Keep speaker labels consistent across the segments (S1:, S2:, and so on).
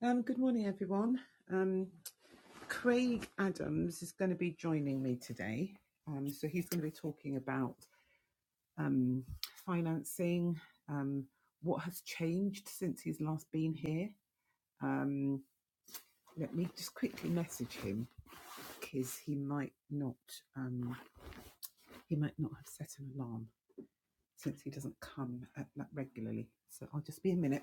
S1: Um, good morning, everyone. Um, Craig Adams is going to be joining me today. Um, so he's going to be talking about um, financing, um, what has changed since he's last been here. Um, let me just quickly message him because he might not um, he might not have set an alarm since he doesn't come at that regularly. So I'll just be a minute.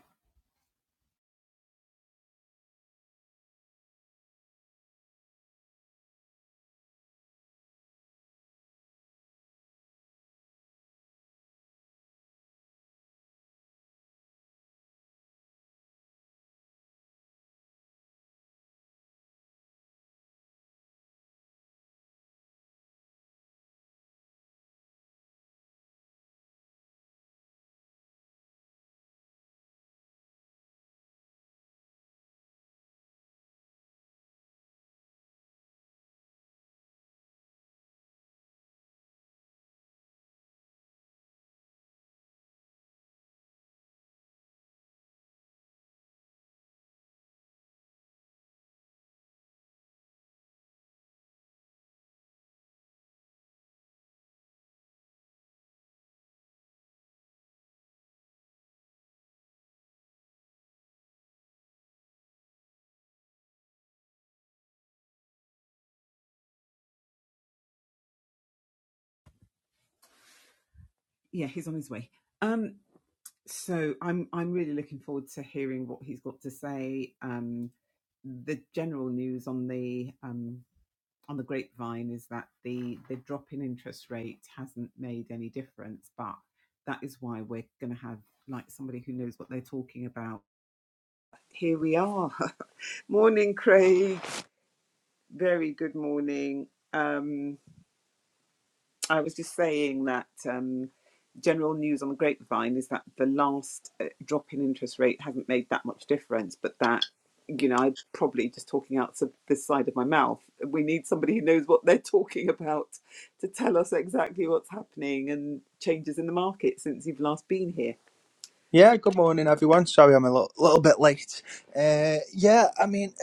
S1: Yeah, he's on his way. Um, so I'm I'm really looking forward to hearing what he's got to say. Um, the general news on the um, on the grapevine is that the the drop in interest rate hasn't made any difference, but that is why we're going to have like somebody who knows what they're talking about. Here we are. morning, Craig. Very good morning. Um, I was just saying that um, general news on the grapevine is that the last uh, drop in interest rate hasn't made that much difference, but that, you know, I'm probably just talking out of this side of my mouth. We need somebody who knows what they're talking about to tell us exactly what's happening and changes in the market since you've last been here.
S2: Yeah, good morning, everyone. Sorry, I'm a little, little bit late. Uh, yeah, I mean,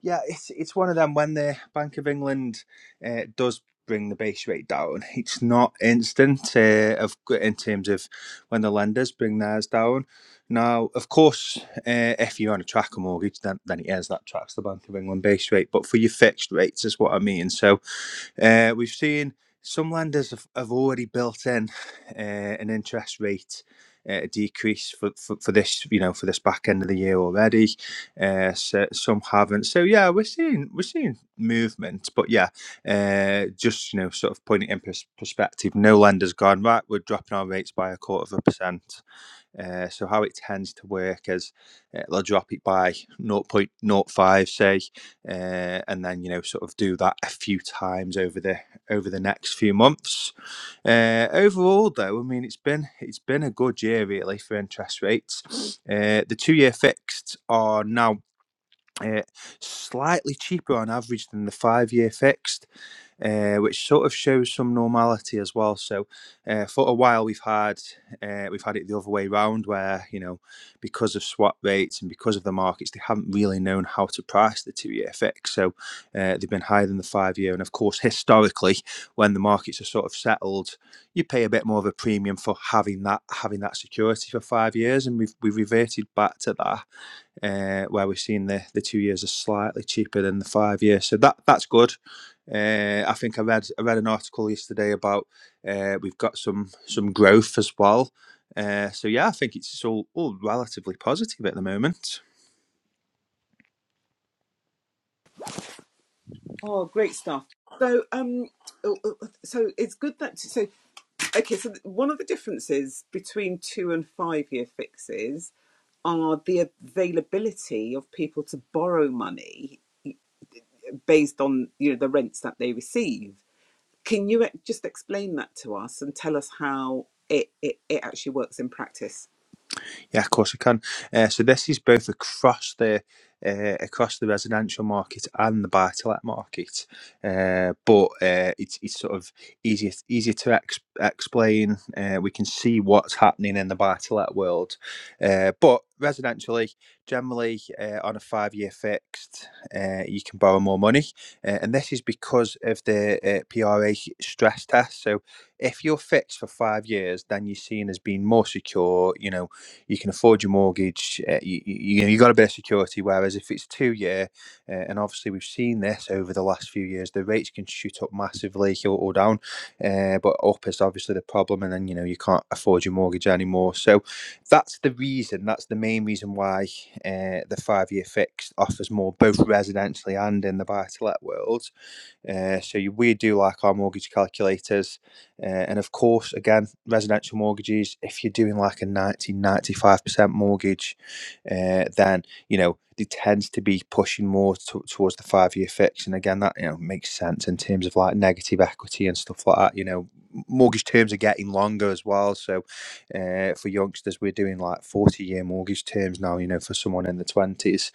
S2: yeah, it's it's one of them when the Bank of England uh, does bring the base rate down. It's not instant uh, of in terms of when the lenders bring theirs down. Now, of course, uh, if you're on a tracker mortgage, then then it is that tracks the Bank of England base rate. But for your fixed rates, is what I mean. So uh, we've seen some lenders have, have already built in uh, an interest rate uh, decrease for, for, for this, you know, for this back end of the year already. Uh, so some haven't. So yeah, we're seeing we're seeing movement, but yeah, uh, just you know, sort of putting it in pers- perspective. No lender's gone right. We're dropping our rates by a quarter of a percent. Uh, so how it tends to work is uh, they'll drop it by zero point zero 0.05 say uh, and then you know sort of do that a few times over the over the next few months uh, overall though i mean it's been it's been a good year really for interest rates uh, the two year fixed are now uh, slightly cheaper on average than the five year fixed uh, which sort of shows some normality as well. So uh, for a while we've had uh, we've had it the other way round, where you know because of swap rates and because of the markets, they haven't really known how to price the two-year fix. So uh, they've been higher than the five-year, and of course historically, when the markets are sort of settled, you pay a bit more of a premium for having that having that security for five years, and we've we've reverted back to that uh, where we've seen the, the two years are slightly cheaper than the five years. So that that's good. Uh, I think I read I read an article yesterday about uh, we've got some some growth as well. Uh, so yeah, I think it's all all relatively positive at the moment.
S1: Oh, great stuff. So, um, uh, uh, so it's good that so okay. So one of the differences between two and five year fixes are the availability of people to borrow money based on you know the rents that they receive. Can you e- just explain that to us and tell us how it, it, it actually works in practice?
S2: Yeah, of course I can. Uh, so this is both across the uh, across the residential market and the buy-to-let market, uh, but uh, it's it's sort of easier easier to ex- explain. Uh, we can see what's happening in the buy-to-let world, uh, but residentially, generally uh, on a five-year fixed, uh, you can borrow more money, uh, and this is because of the uh, PRA stress test. So if you're fixed for five years, then you're seen as being more secure. You know you can afford your mortgage. Uh, you, you, you got a bit of security. Whereas if it's two year, uh, and obviously we've seen this over the last few years, the rates can shoot up massively or, or down. Uh, but up is obviously the problem, and then you know you can't afford your mortgage anymore. So that's the reason. That's the main reason why uh, the five year fixed offers more, both residentially and in the buy to let world uh, so you, we do like our mortgage calculators. Uh, and of course, again, residential mortgages, if you're doing like a ninety ninety five percent mortgage, uh, then, you know, it tends to be pushing more to, towards the five year fix. And again, that, you know, makes sense in terms of like negative equity and stuff like that. You know, mortgage terms are getting longer as well. So uh, for youngsters, we're doing like 40 year mortgage terms now, you know, for someone in the 20s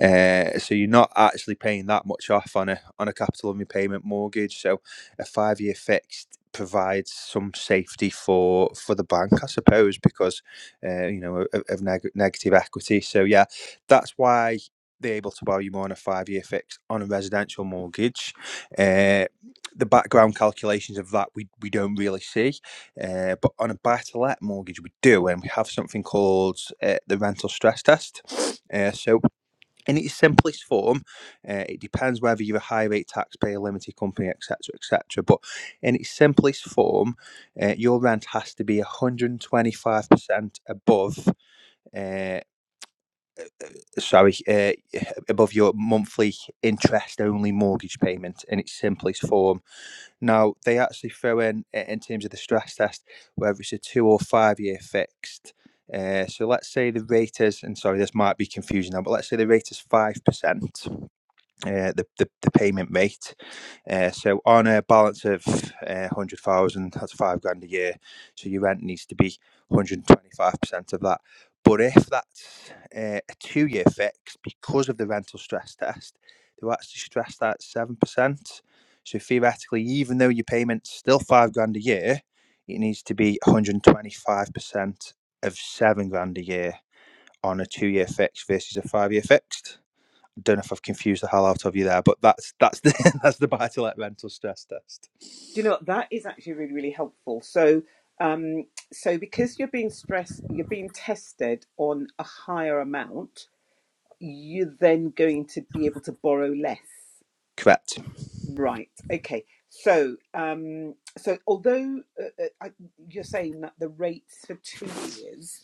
S2: uh, so you're not actually paying that much off on a on a capital repayment mortgage. So a five year fixed provides some safety for for the bank, I suppose, because uh, you know of, of neg- negative equity. So yeah, that's why they're able to borrow you more on a five year fix on a residential mortgage. Uh, the background calculations of that we, we don't really see, uh, but on a buy to let mortgage we do, and we have something called uh, the rental stress test. Uh, so in its simplest form, uh, it depends whether you're a high rate taxpayer, limited company, etc., etc. But in its simplest form, uh, your rent has to be 125% above. Uh, Sorry, uh, above your monthly interest only mortgage payment in its simplest form. Now, they actually throw in, in terms of the stress test, whether it's a two or five year fixed. Uh, so let's say the rate is, and sorry, this might be confusing now, but let's say the rate is 5% uh, the, the the payment rate. Uh, so on a balance of uh, hundred thousand, that's five grand a year. So your rent needs to be one hundred twenty five percent of that. But if that's uh, a two year fix, because of the rental stress test, they're actually stressed at seven percent. So theoretically, even though your payment's still five grand a year, it needs to be one hundred twenty five percent of seven grand a year on a two year fix versus a five year fixed don't know if I've confused the hell out of you there, but that's that's the that's the buy to let rental stress test.
S1: Do you know what? that is actually really really helpful. So um, so because you're being stressed, you're being tested on a higher amount. You're then going to be able to borrow less.
S2: Correct.
S1: Right. Okay. So, um, so although uh, uh, I- you're saying that the rates for two years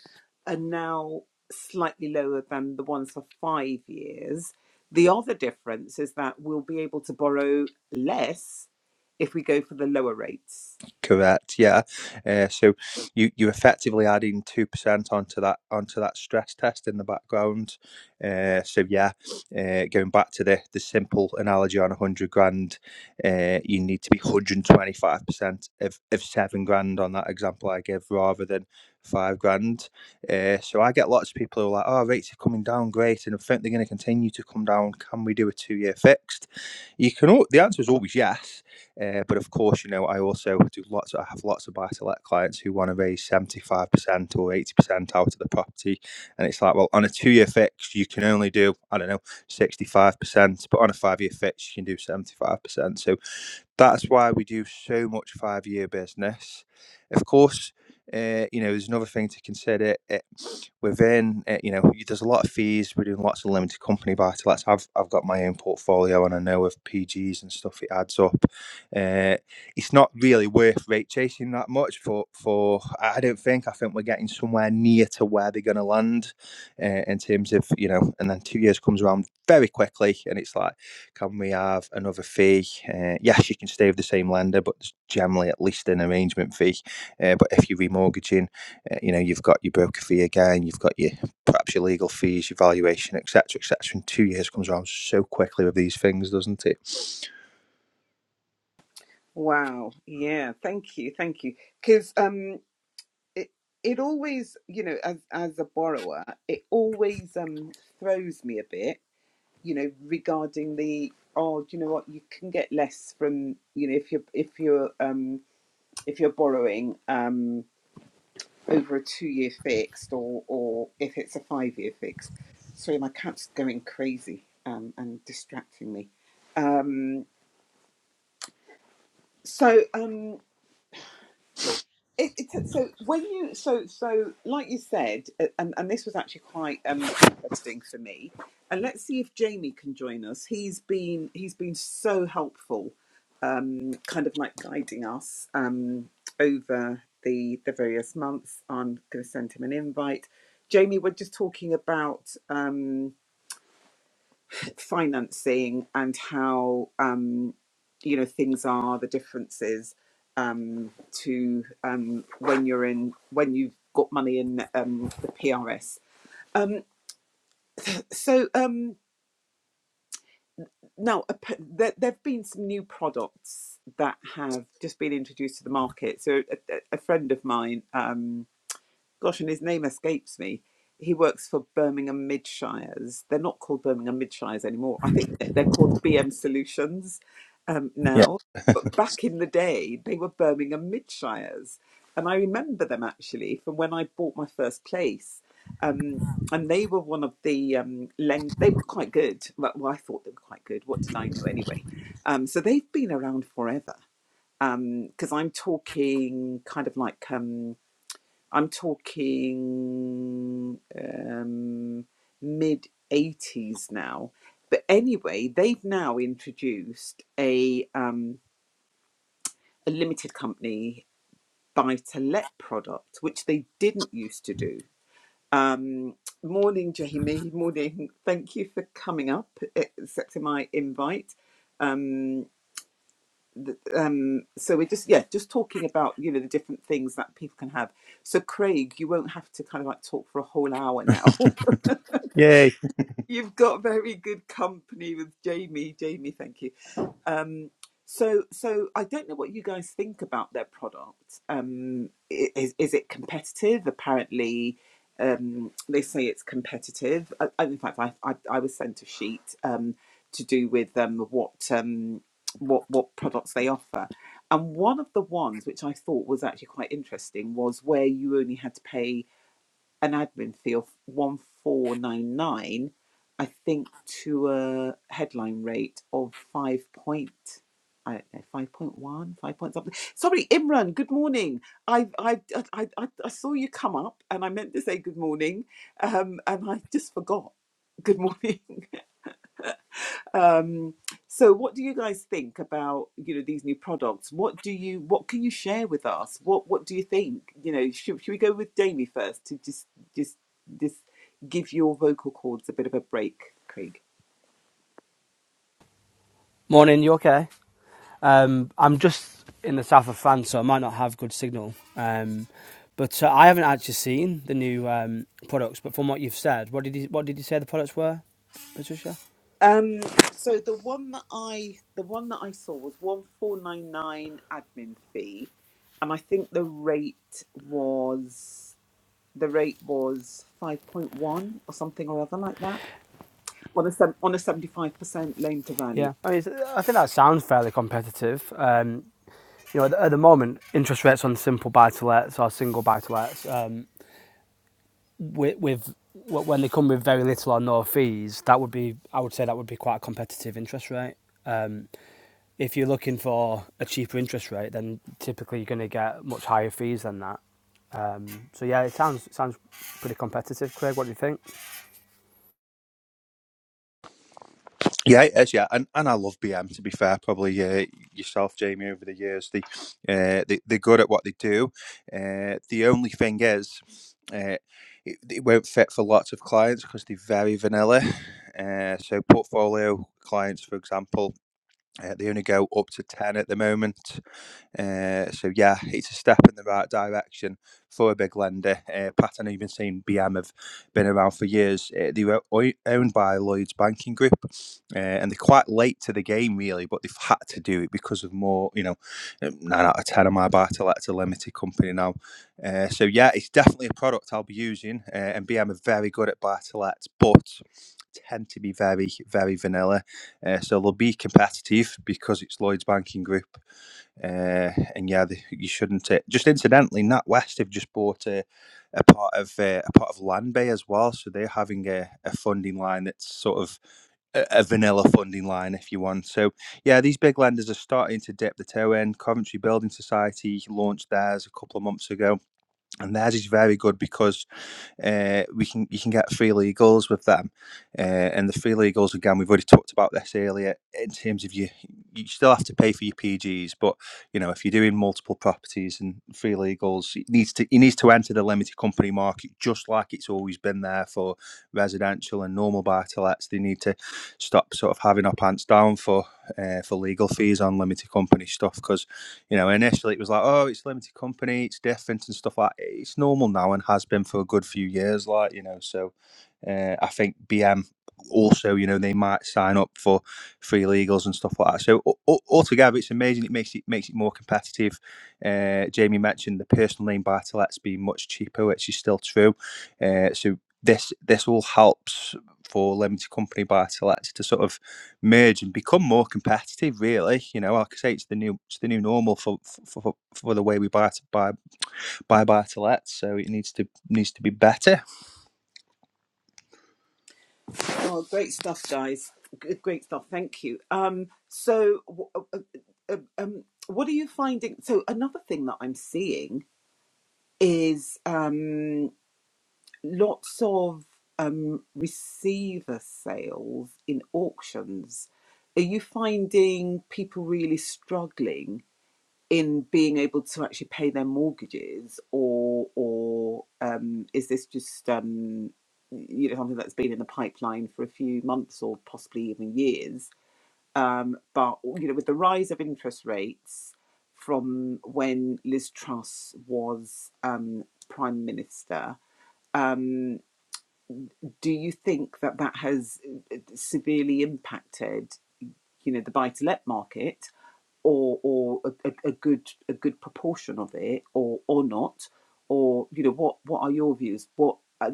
S1: are now slightly lower than the ones for five years, the other difference is that we'll be able to borrow less if we go for the lower rates.
S2: Correct. Yeah. Uh, so you you effectively adding two percent onto that onto that stress test in the background. Uh, so yeah, uh, going back to the the simple analogy on a hundred grand, uh, you need to be hundred and twenty five percent of of seven grand on that example I give rather than five grand. Uh, so I get lots of people who are like, "Oh, rates are coming down, great," and I think they're going to continue to come down. Can we do a two year fixed? You can. al- The answer is always yes uh, but of course, you know, I also do lots. I have lots of buy-to-let clients who want to raise seventy-five percent or eighty percent out of the property, and it's like, well, on a two-year fix, you can only do I don't know sixty-five percent, but on a five-year fix, you can do seventy-five percent. So that's why we do so much five year business. Of course, uh, you know, there's another thing to consider. It, within, uh, you know, there's a lot of fees. We're doing lots of limited company buy to lets. I've, I've got my own portfolio and I know of PGs and stuff, it adds up. Uh, it's not really worth rate chasing that much for, for I I don't think. I think we're getting somewhere near to where they're going to land uh, in terms of, you know, and then two years comes around very quickly and it's like, can we have another fee? Uh, yes, you can stay with the same lender, but there's generally at least an arrangement fee. Uh, but if you're remortgaging, uh, you know you've got your broker fee again, you've got your perhaps your legal fees, your valuation, etc., etc. And two years comes around so quickly with these things, doesn't it?
S1: Wow. Yeah. Thank you. Thank you. Because um, it it always, you know, as as a borrower, it always um throws me a bit you know, regarding the oh, do you know what, you can get less from you know if you're if you're um if you're borrowing um over a two year fixed or or if it's a five year fixed. Sorry, my cat's going crazy um and distracting me. Um so um It, it, so so when you so so like you said, uh, and, and this was actually quite um, interesting for me. And let's see if Jamie can join us. He's been he's been so helpful, um, kind of like guiding us um, over the the various months. I'm going to send him an invite. Jamie, we're just talking about. Um, financing and how um, you know things are, the differences um, to um, when you're in when you've got money in um, the PRS. Um, so um, now ap- there, there've been some new products that have just been introduced to the market. So a, a a friend of mine. Um, gosh, and his name escapes me. He works for Birmingham Midshires. They're not called Birmingham Midshires anymore. I think they're they're called BM Solutions um,
S2: Yeah.
S1: now. But back in the day, they were Birmingham Midshires. And I remember them actually from when I bought my first place. Um, and they were one of the um, lend. They were quite good. Well, well, I thought they were quite good. What did I know anyway? Um, so they've been around forever. Because I'm talking kind of like. Um, I'm talking um, mid 80s now. But anyway, they've now introduced a, um, a limited company buy to let product, which they didn't used to do. Um, morning, Jamie. Morning. Thank you for coming up, eh, accepting my invite. Um, th- um so we're just yeah just talking about you know the different things that people can have so craig you won't have to kind of like talk for a whole hour now
S2: Yay.
S1: you've got very good company with jamie jamie thank you um, so, so I don't know what you guys think about their product. Um, is is it competitive? Apparently, um, they say it's competitive. I- in fact, I, I I was sent a sheet um, to do with um, what um, what what products they offer, and one of the ones which I thought was actually quite interesting was where you only had to pay an admin fee of 1499 i think to a headline rate of 5 point i don't know 5 point one, five point something sorry imran good morning i i i i, I saw you come up and i meant to say good morning um and i just forgot good morning Um, so what do you guys think about, you know, these new products? What do you what can you share with us? What what do you think? You know, should should we go with Jamie first to just just just give your vocal cords a bit of a break, Craig?
S3: Morning, you okay? Um, I'm just in the south of France, so I might not have good signal. Um, but uh, I haven't actually seen the new um, products. But from what you've said, what did you, what did you say the products were, Patricia?
S1: Um, so the one that I the one that I saw was one four nine nine admin fee, and I think the rate was the rate was five point one or something or other like that on a sev- on a seventy five percent loan to value.
S3: Yeah, I mean, I think that sounds fairly competitive. Um, you know, at the, at the moment, interest rates on simple buy-to-lets or single buy-to-lets um, with, with when they come with very little or no fees, that would be I would say that would be quite a competitive interest rate. Um, if you're looking for a cheaper interest rate, then typically you're going to get much higher fees than that. Um, so yeah, it sounds it sounds pretty competitive. Craig, what do you think?
S2: Yeah, it is. Yeah, and and I love BM. To be fair, probably uh, yourself, Jamie, over the years, they, uh, they they're good at what they do. Uh, the only thing is, uh, it, it won't fit for lots of clients because they're very vanilla. Uh, so portfolio clients, for example, uh, they only go up to ten at the moment. Uh, so yeah, it's a step in the right direction for a big lender. Uh, Pat even seen BM have been around for years. Uh, they were owned by Lloyd's Banking Group, uh, and they're quite late to the game really, but they've had to do it because of more, you know, um, nine out of ten of my buy to let's a limited company now. Uh, so yeah, it's definitely a product I'll be using, uh, and BM are very good at buy to lets, but tend to be very, very vanilla. Uh, so they'll be competitive because it's Lloyd's Banking Group, uh, and yeah, they, you shouldn't. Uh, just incidentally, NatWest have just bought a, a part of uh, a part of Land Bay as well, so they're having a, a funding line that's sort of a, a vanilla funding line, if you want. So yeah, these big lenders are starting to dip the toe in. Coventry Building Society launched theirs a couple of months ago, and theirs is very good because uh, we can you can get free legals with them, uh, and the free legals again we've already talked about this earlier in terms of you you still have to pay for your PGs, but you know if you're doing multiple properties and free legals, it needs to it needs to enter the limited company market just like it's always been there for residential and normal buy to lets. They need to stop sort of having our pants down for uh, for legal fees on limited company stuff because you know, initially it was like, oh, it's limited company, it's different and stuff like. that. It's normal now and has been for a good few years, like you know. So, uh, I think BM also, you know, they might sign up for free legals and stuff like that. So a- altogether, it's amazing. It makes it makes it more competitive. Uh, Jamie mentioned the personal name buy to lets being much cheaper, which is still true. Uh, so this this all helps for limited company buy to lets to sort of merge and become more competitive. Really, you know, like I say, it's the new it's the new normal for for, for, for the way we buy to buy buy buy to lets. So it needs to needs to be better.
S1: Oh, great stuff, guys. G- Great stuff. Thank you. Um, so, w- uh, uh, uh, um, what are you finding? So, another thing that I'm seeing is um, lots of um, receiver sales in auctions. Are you finding people really struggling in being able to actually pay their mortgages or or um, is this just um, you know something that's been in the pipeline for a few months or possibly even years um, but you know with the rise of interest rates from when Liz Truss was um, prime minister um, do you think that that has uh, severely impacted you know the buy to let market or or a, a, good a good proportion of it or or not or you know what what are your views what uh,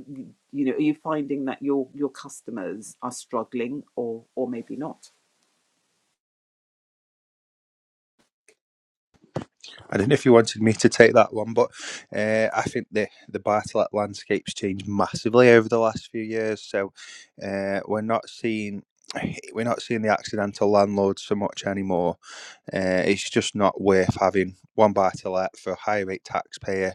S1: you know are you finding that your your customers are struggling or or maybe not
S2: I don't know if you wanted me to take that one, but uh, I think the the Bartlett landscape's changed massively over the last few years. So uh, we're not seeing we're not seeing the accidental landlords so much anymore. Uh, it's just not worth having one Bartlett for a high rate taxpayer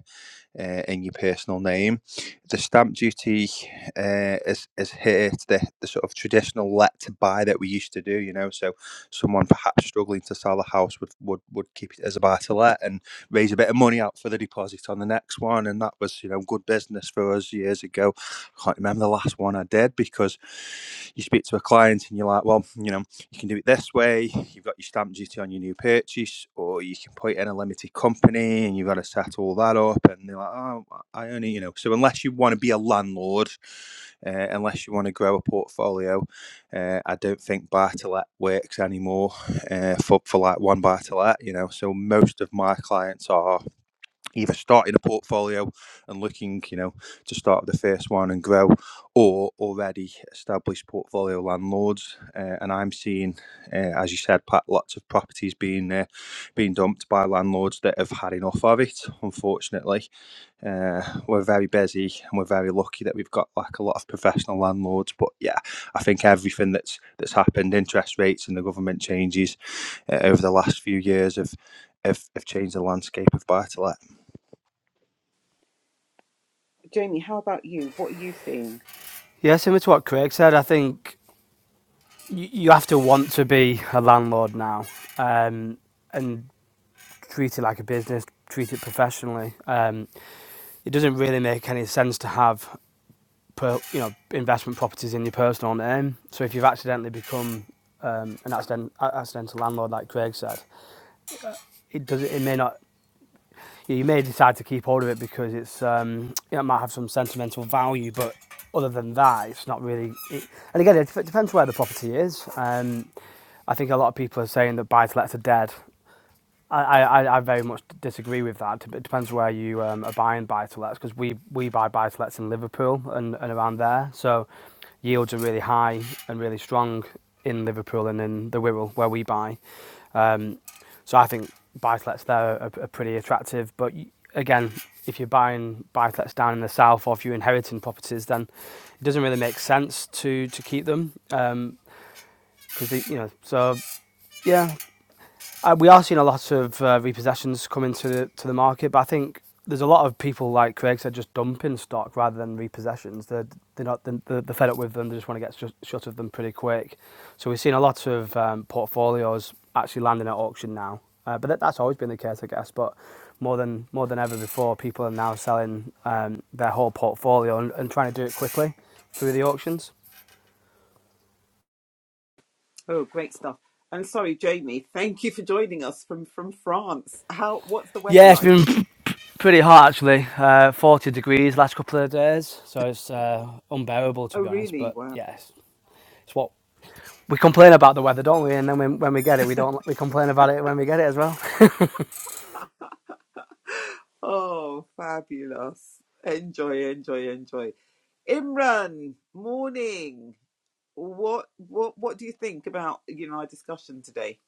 S2: uh, in your personal name. The stamp duty uh, is is here to the, the sort of traditional let to buy that we used to do. You know, so someone perhaps struggling to sell a house would would, would keep it as a buy to let and raise a bit of money out for the deposit on the next one. And that was you know good business for us years ago. I can't remember the last one I did because you speak to a client and you're like, well, you know you can do it this way. You've got your stamp duty on your new purchase, or you can put it in a limited company and you've got to set all that up. And they're like, oh, I only, you know. So unless you want to be a landlord, uh, unless you want to grow a portfolio, uh, I don't think buy to let works anymore uh, for for like one buy to let. You know, so most of my clients are either starting a portfolio and looking, you know, to start the first one and grow, or already established portfolio landlords. Uh, and I'm seeing, uh, as you said, Pat, lots of properties being uh, being dumped by landlords that have had enough of it. Unfortunately, uh, we're very busy and we're very lucky that we've got like a lot of professional landlords. But yeah, I think everything that's that's happened, interest rates and the government changes uh, over the last few years have have, have changed the landscape of buy to let
S1: Jamie, how about you? What are you seeing?
S3: Yeah, similar to what Craig said, I think you, you have to want to be a landlord now um, and treat it like a business, treat it professionally. Um, it doesn't really make any sense to have per, you know investment properties in your personal name. So if you've accidentally become um, an accident, accidental landlord, like Craig said, it does it may not yeah, you may decide to keep hold of it because it's um, you know, it might have some sentimental value, but other than that, it's not really. It, and again, it depends where the property is. Um, I think a lot of people are saying that buy-to-lets are dead. I, I, I very much disagree with that. It depends where you um, are buying buy-to-lets because we, we buy buy-to-lets in Liverpool and, and around there. So yields are really high and really strong in Liverpool and in the Wirral where we buy. Um, so I think buy-to-lets there are, are pretty attractive. But again, if you're buying buy-to-lets down in the south or if you're inheriting properties, then it doesn't really make sense to to keep them Um, because you know. So yeah, uh, we are seeing a lot of uh, repossessions come into the, to the market, but I think there's a lot of people like Craig said just dumping stock rather than repossessions. They're they're not they're, they're fed up with them. They just want to get shut, shut of them pretty quick. So we've seen a lot of um, portfolios actually landing at auction now. Uh, but that, that's always been the case, I guess. But more than more than ever before, people are now selling um, their whole portfolio and, and trying to do it quickly through the auctions.
S1: oh great stuff and sorry jamie thank you for joining us from from france how what's the weather
S3: Yeah, it's
S1: like
S3: been Pretty hot actually, uh, 40 degrees last couple of days, so it's uh, unbearable to
S1: oh
S3: be honest.
S1: really
S3: But
S1: wow
S3: yeah, it's, it's what we complain about the weather, don't we? And then when, when we get it, we don't we complain about it when we get it as well.
S1: oh fabulous enjoy enjoy enjoy imran morning what what what do you think about you know our discussion today?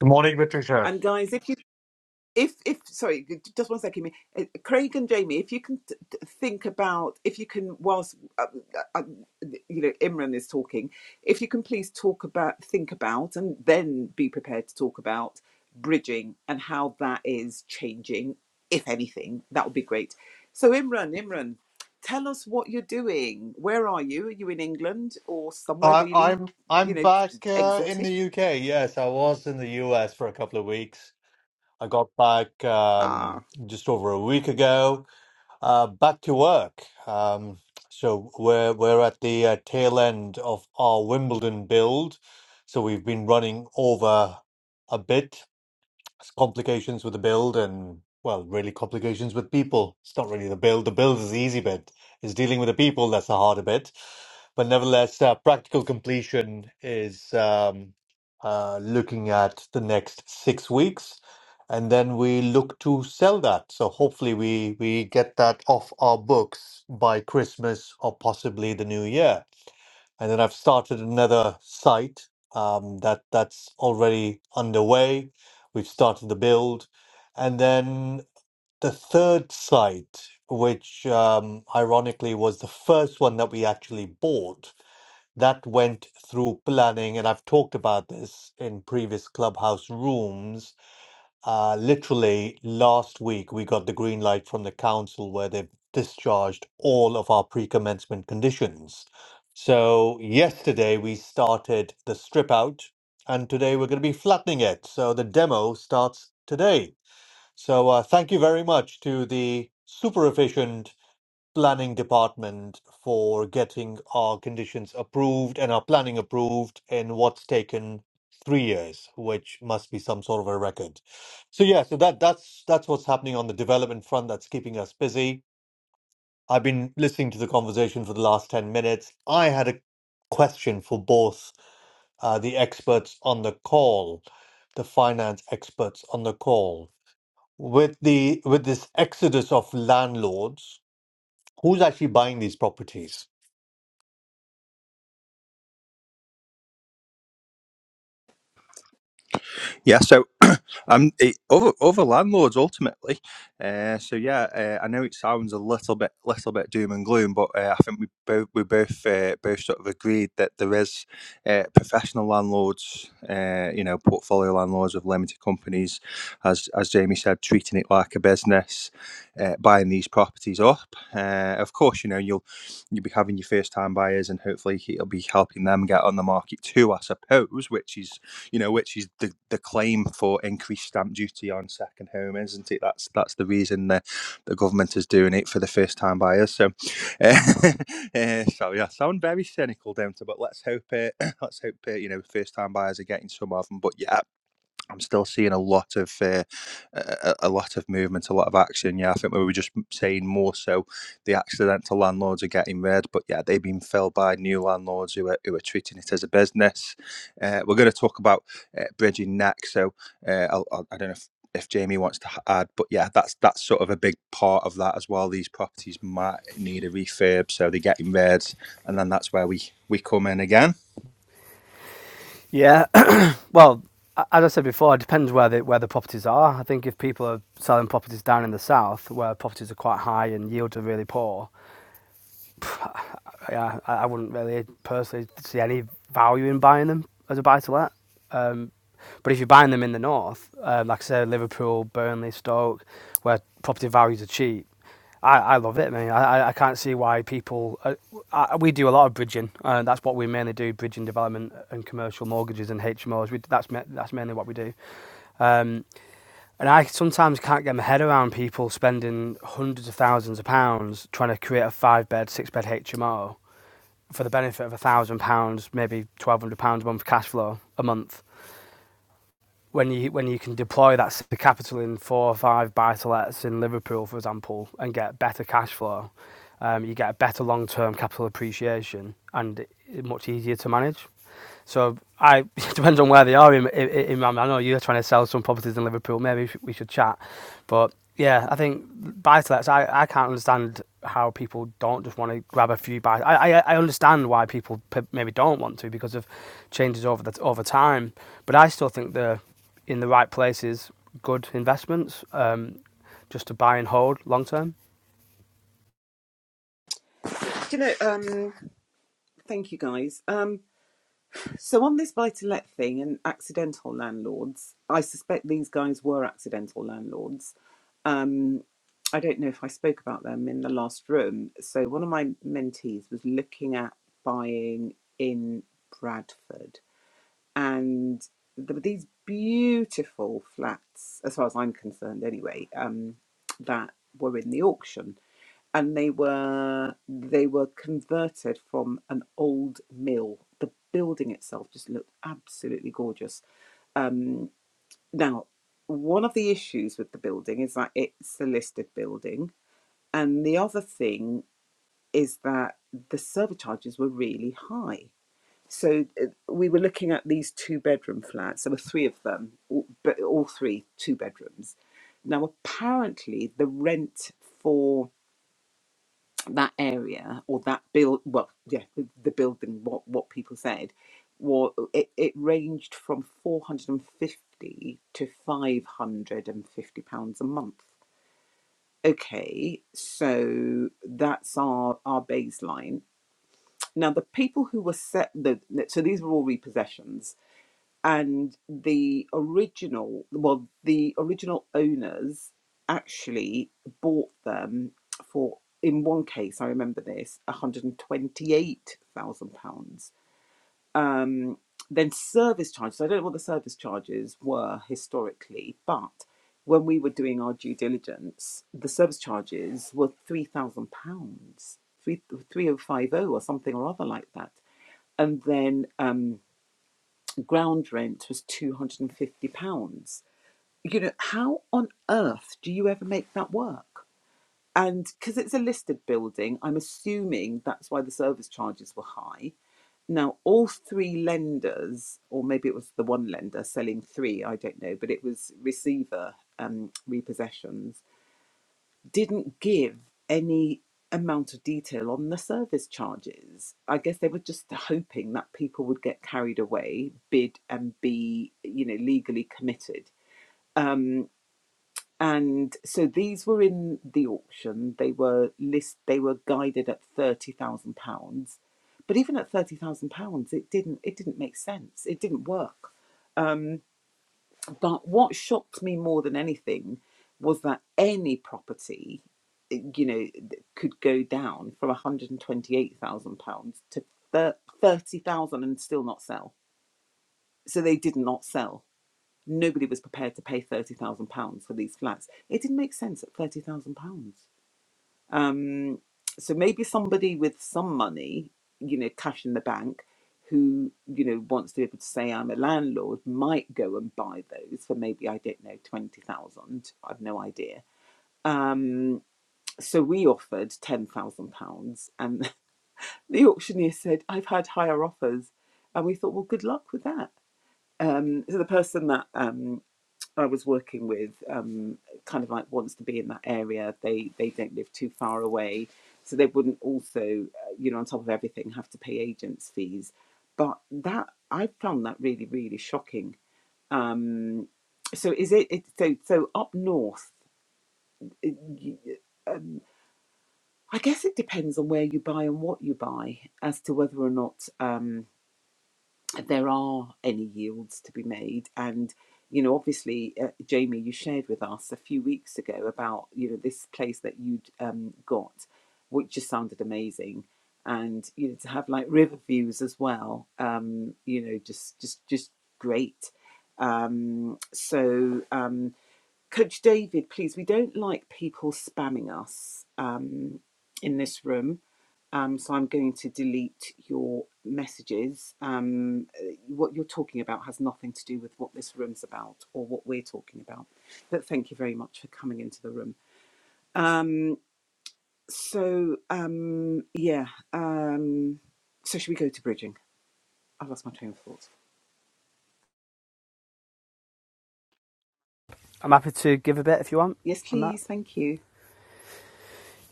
S4: Good morning, Patricia.
S1: And guys, if you if if sorry just one second me uh, craig and jamie if you can t- t- think about if you can whilst uh, uh, you know imran is talking if you can please talk about think about and then be prepared to talk about bridging and how that is changing if anything that would be great so imran imran tell us what you're doing where are you are you in england or somewhere
S4: I
S1: really
S4: I'm I'm
S1: you know t-
S4: back
S1: t-
S4: uh, in
S1: exotic
S4: the UK. Yes, I was in the US for a couple of weeks. I got back
S1: ah
S4: um, just over a week ago. Uh, back to work. Um, so we're we're at the uh, tail end of our Wimbledon build. So we've been running over a bit, complications with the build and well really complications with people it's not really the build the build is the easy bit it's dealing with the people that's the harder bit but nevertheless uh, practical completion is um, uh, looking at the next six weeks and then we look to sell that so hopefully we we get that off our books by christmas or possibly the new year and then I've started another site um, that that's already underway. We've started the build, and then the third site, which um, ironically was the first one that we actually bought, that went through planning, and I've talked about this in previous clubhouse rooms uh, literally last week, we got the green light from the council where they've discharged all of our pre-commencement conditions. So yesterday we started the strip out, and today we're going to be flattening it. So the demo starts today. So uh, thank you very much to the super efficient planning department for getting our conditions approved and our planning approved in what's taken three years, which must be some sort of a record. So yeah, so that that's that's what's happening on the development front that's keeping us busy. I've been listening to the conversation for the last 10 minutes. I had a question for both uh, the experts on the call, the finance experts on the call. With the with this exodus of landlords, who's actually buying these properties?
S2: Yeah, so I'm eh, over over landlords ultimately. Uh, so yeah, uh, I know it sounds a little bit little bit doom and gloom, but uh, I think we both we both uh, both sort of agreed that there is uh, professional landlords, uh, you know, portfolio landlords of limited companies, as as Jamie said, treating it like a business, uh, buying these properties up. Uh, of course, you know you'll you'll be having your first time buyers, and hopefully it'll be helping them get on the market too, I suppose, which is you know, which is the, the claim for increased stamp duty on second home, isn't it? That's that's the reason that the government is doing it for the first time buyers. So, uh, uh, so yeah, I sound very cynical, don't I? But let's hope it. Let's hope it. you know first time buyers are getting some of them. But yeah, I'm still seeing a lot of uh, a, a lot of movement, a lot of action. Yeah, I think we were just saying more so the accidental landlords are getting rid, but yeah, they've been filled by new landlords who are who are treating it as a business. Uh, we're going to talk about uh, bridging next, so uh, I'll, I'll, I don't know. If, if Jamie wants to h- add, but yeah, that's that's sort of a big part of that as well. These properties might need a refurb, so they're getting rid, and then that's where we we come in again.
S3: yeah, well, as I said before, it depends where the where the properties are. I think if people are selling properties down in the south, where properties are quite high and yields are really poor, yeah, I, I wouldn't really personally see any value in buying them as a buy to let. Um, but if you're buying them in the north, um, like I said, Liverpool, Burnley, Stoke, where property values are cheap, I, I love it, man. I, I I can't see why people. Uh, I, we do a lot of bridging, and that's what we mainly do: bridging development and commercial mortgages and HMOs. We, that's that's mainly what we do. Um, and I sometimes can't get my head around people spending hundreds of thousands of pounds trying to create a five-bed, six-bed HMO for the benefit of a thousand pounds, maybe twelve hundred pounds a month cash flow a month. When you when you can deploy that s- capital in four or five buy to lets in Liverpool, for example, and get better cash flow, um, you get a better long term capital appreciation and i- much easier to manage. So I it depends on where they are in, in, in Miami. I know you're trying to sell some properties in Liverpool. Maybe we should, we should chat. But yeah, I think buy to lets. I, I can't understand how people don't just want to grab a few buy. I, I I understand why people maybe don't want to because of changes over the over time. But I still think they're in the right places, good investments, um, just to buy and hold long term.
S1: do you know um thank you guys. Um, So on this buy-to-let thing and accidental landlords, I suspect these guys were accidental landlords. Um, I don't know if I spoke about them in the last room. So one of my mentees was looking at buying in Bradford, and there were these beautiful flats, as far as I'm concerned, anyway, um, that were in the auction and they were they were converted from an old mill. The building itself just looked absolutely gorgeous. Um, now, one of the issues with the building is that it's a listed building, and the other thing is that the service charges were really high. So uh, we were looking at these two bedroom flats. There were three of them, all- but all three two bedrooms. Now, apparently, the rent for that area or that build well yeah the, the building what what people said was it, it ranged from 450 to 550 pounds a month okay so that's our our baseline now the people who were set the so these were all repossessions and the original well the original owners actually bought them for in one case i remember this 128,000 pounds um then service charges so i don't know what the service charges were historically but when we were doing our due diligence the service charges were 3,000 pounds three three oh five zero or something or other like that and then um, ground rent was £250. You know, how on earth do you ever make that work? And because it's a listed building, I'm assuming that's why the service charges were high. Now, all three lenders, or maybe it was the one lender selling three, I don't know, but it was receiver um, repossessions didn't give any amount of detail on the service charges. I guess they were just hoping that people would get carried away, bid, and be, you know, legally committed. Um, and so these were in the auction. They were list. They were guided at thirty thousand pounds, but even at thirty thousand pounds, it didn't. It didn't make sense. It didn't work. But what shocked me more than anything was that any property, eh, you know, could go down from £128,000 to 30000 and still not sell. So they did not sell. Nobody was prepared to pay £30,000 for these flats. It didn't make sense at £30,000. Um, so maybe somebody with some money, you know, cash in the bank, who you know wants to be able to say I'm a landlord, might go and buy those for maybe I don't know twenty thousand. I've no idea. Um, so we offered ten thousand pounds, and the auctioneer said I've had higher offers, and we thought, well, good luck with that. Um, so the person that um, I was working with um, kind of like wants to be in that area. They they don't live too far away, so they wouldn't also, uh, you know, on top of everything, have to pay agents' fees. But that I found that really really shocking. Um, so is it, it so so up north? it- you- um, I guess it depends on where you buy and what you buy as to whether or not. Um, there are any yields to be made and you know obviously uh, jamie you shared with us a few weeks ago about you know this place that you'd um, got which just sounded amazing and you know to have like river views as well um you know just just just great um so um Coach David, please, we don't like people spamming us um, in this room. Um, so I'm going to delete your messages. Um, uh, what you're talking about has nothing to do with what this room's about or what we're talking about. But thank you very much for coming into the room. Um, so, um, yeah. Um, so, should we go to bridging? I've lost my train of thought.
S3: I'm happy to give a bit if you want
S1: Yes,
S3: on that.
S1: please. Thank you.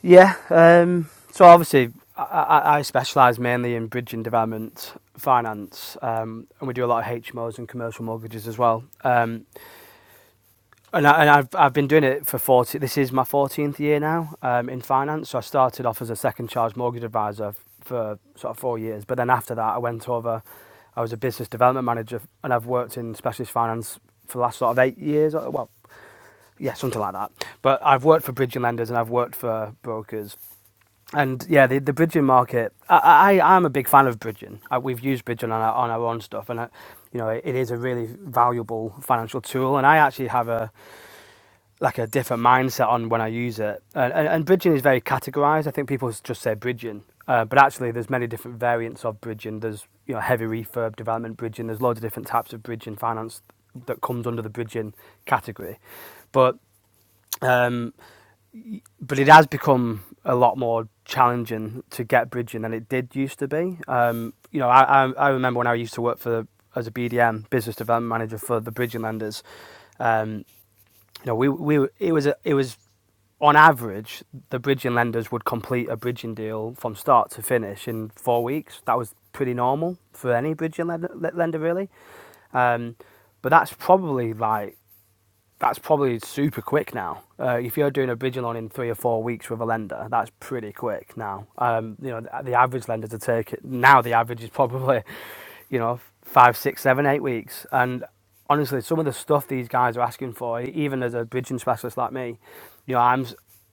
S3: Yeah. Um, so obviously, I, I, I specialise mainly in bridge and development finance, um, and we do a lot of HMOs and commercial mortgages as well. Um, and I, and I've I've been doing it for forty. This is my fourteenth year now um, in finance. So I started off as a second charge mortgage advisor for sort of four years, but then after that, I went over. I was a business development manager, and I've worked in specialist finance for the last sort of eight years. Well, yeah, something like that. But I've worked for bridging lenders and I've worked for brokers and yeah, the the Bridging market. I, I I'm a big fan of Bridging. I, we've used Bridging on our on our own stuff, and I, you know it, it is a really valuable financial tool. And I actually have a like a different mindset on when I use it. And, and, and Bridging is very categorized. I think people just say Bridging, uh, but actually there's many different variants of Bridging. There's you know heavy refurb development Bridging. There's loads of different types of Bridging finance that comes under the Bridging category, but. Um, but it has become a lot more challenging to get bridging than it did used to be. Um, you know, I, I, remember when I used to work for as a BDM business development manager for the bridging lenders. Um, you know, we we it was a, it was on average the bridging lenders would complete a bridging deal from start to finish in four weeks. That was pretty normal for any bridging lender, lender really. Um, but that's probably like that's probably super quick now. Uh, if you're doing a bridge loan in three or four weeks with a lender, that's pretty quick now. Um, you know, the, average lender to take it now, the average is probably, you know, five, six, seven, eight weeks. And honestly, some of the stuff these guys are asking for, even as a bridging specialist like me, you know, I'm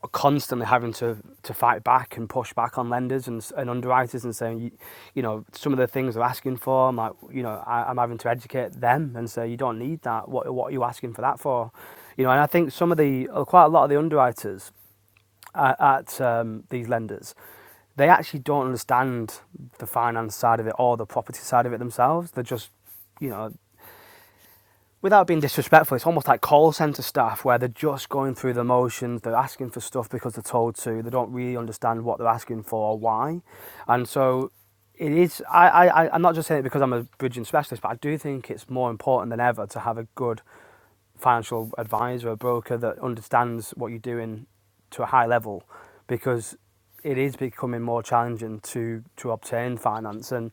S3: are constantly having to to fight back and push back on lenders and, and underwriters and saying you, you know some of the things they're asking for I'm like you know I, I'm having to educate them and say you don't need that what what are you asking for that for you know and I think some of the uh, quite a lot of the underwriters at, at um, these lenders they actually don't understand the finance side of it or the property side of it themselves they're just you know without being disrespectful, it's almost like call centre staff where they're just going through the motions, they're asking for stuff because they're told to, they don't really understand what they're asking for or why. And so it is, I, I, I- am not just saying it because I'm a bridging specialist, but I do think it's more important than ever to have a good financial advisor or broker that understands what you're doing to a high level because it is becoming more challenging to to obtain finance and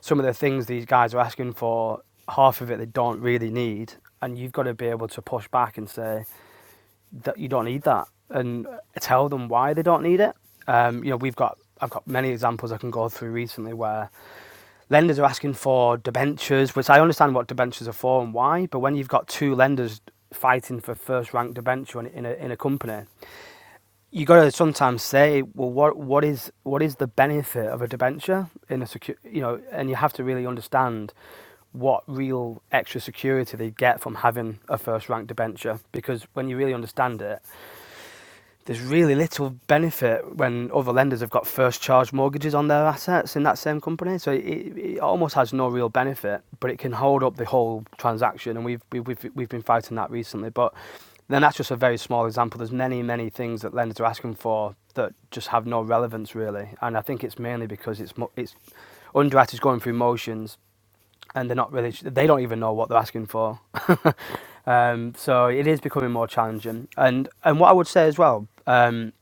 S3: some of the things these guys are asking for half of it they don't really need and you've got to be able to push back and say that you don't need that and tell them why they don't need it um, you know we've got I've got many examples I can go through recently where lenders are asking for debentures, which I understand what debentures are for and why, but when you've got two lenders fighting for first rank debenture in, a in a company, you got to sometimes say, well, what what is what is the benefit of a debenture in a secure, you know, and you have to really understand what real extra security they get from having a first rank debenture because when you really understand it there's really little benefit when other lenders have got first charge mortgages on their assets in that same company. So it, it almost has no real benefit, but it can hold up the whole transaction. And we've, we've, we've, we've been fighting that recently. But then that's just a very small example. There's many, many things that lenders are asking for that just have no relevance really. And I think it's mainly because it's, it's underwriters going through motions and they're not really they don't even know what they're asking for um, so it is becoming more challenging and and what i would say as well um,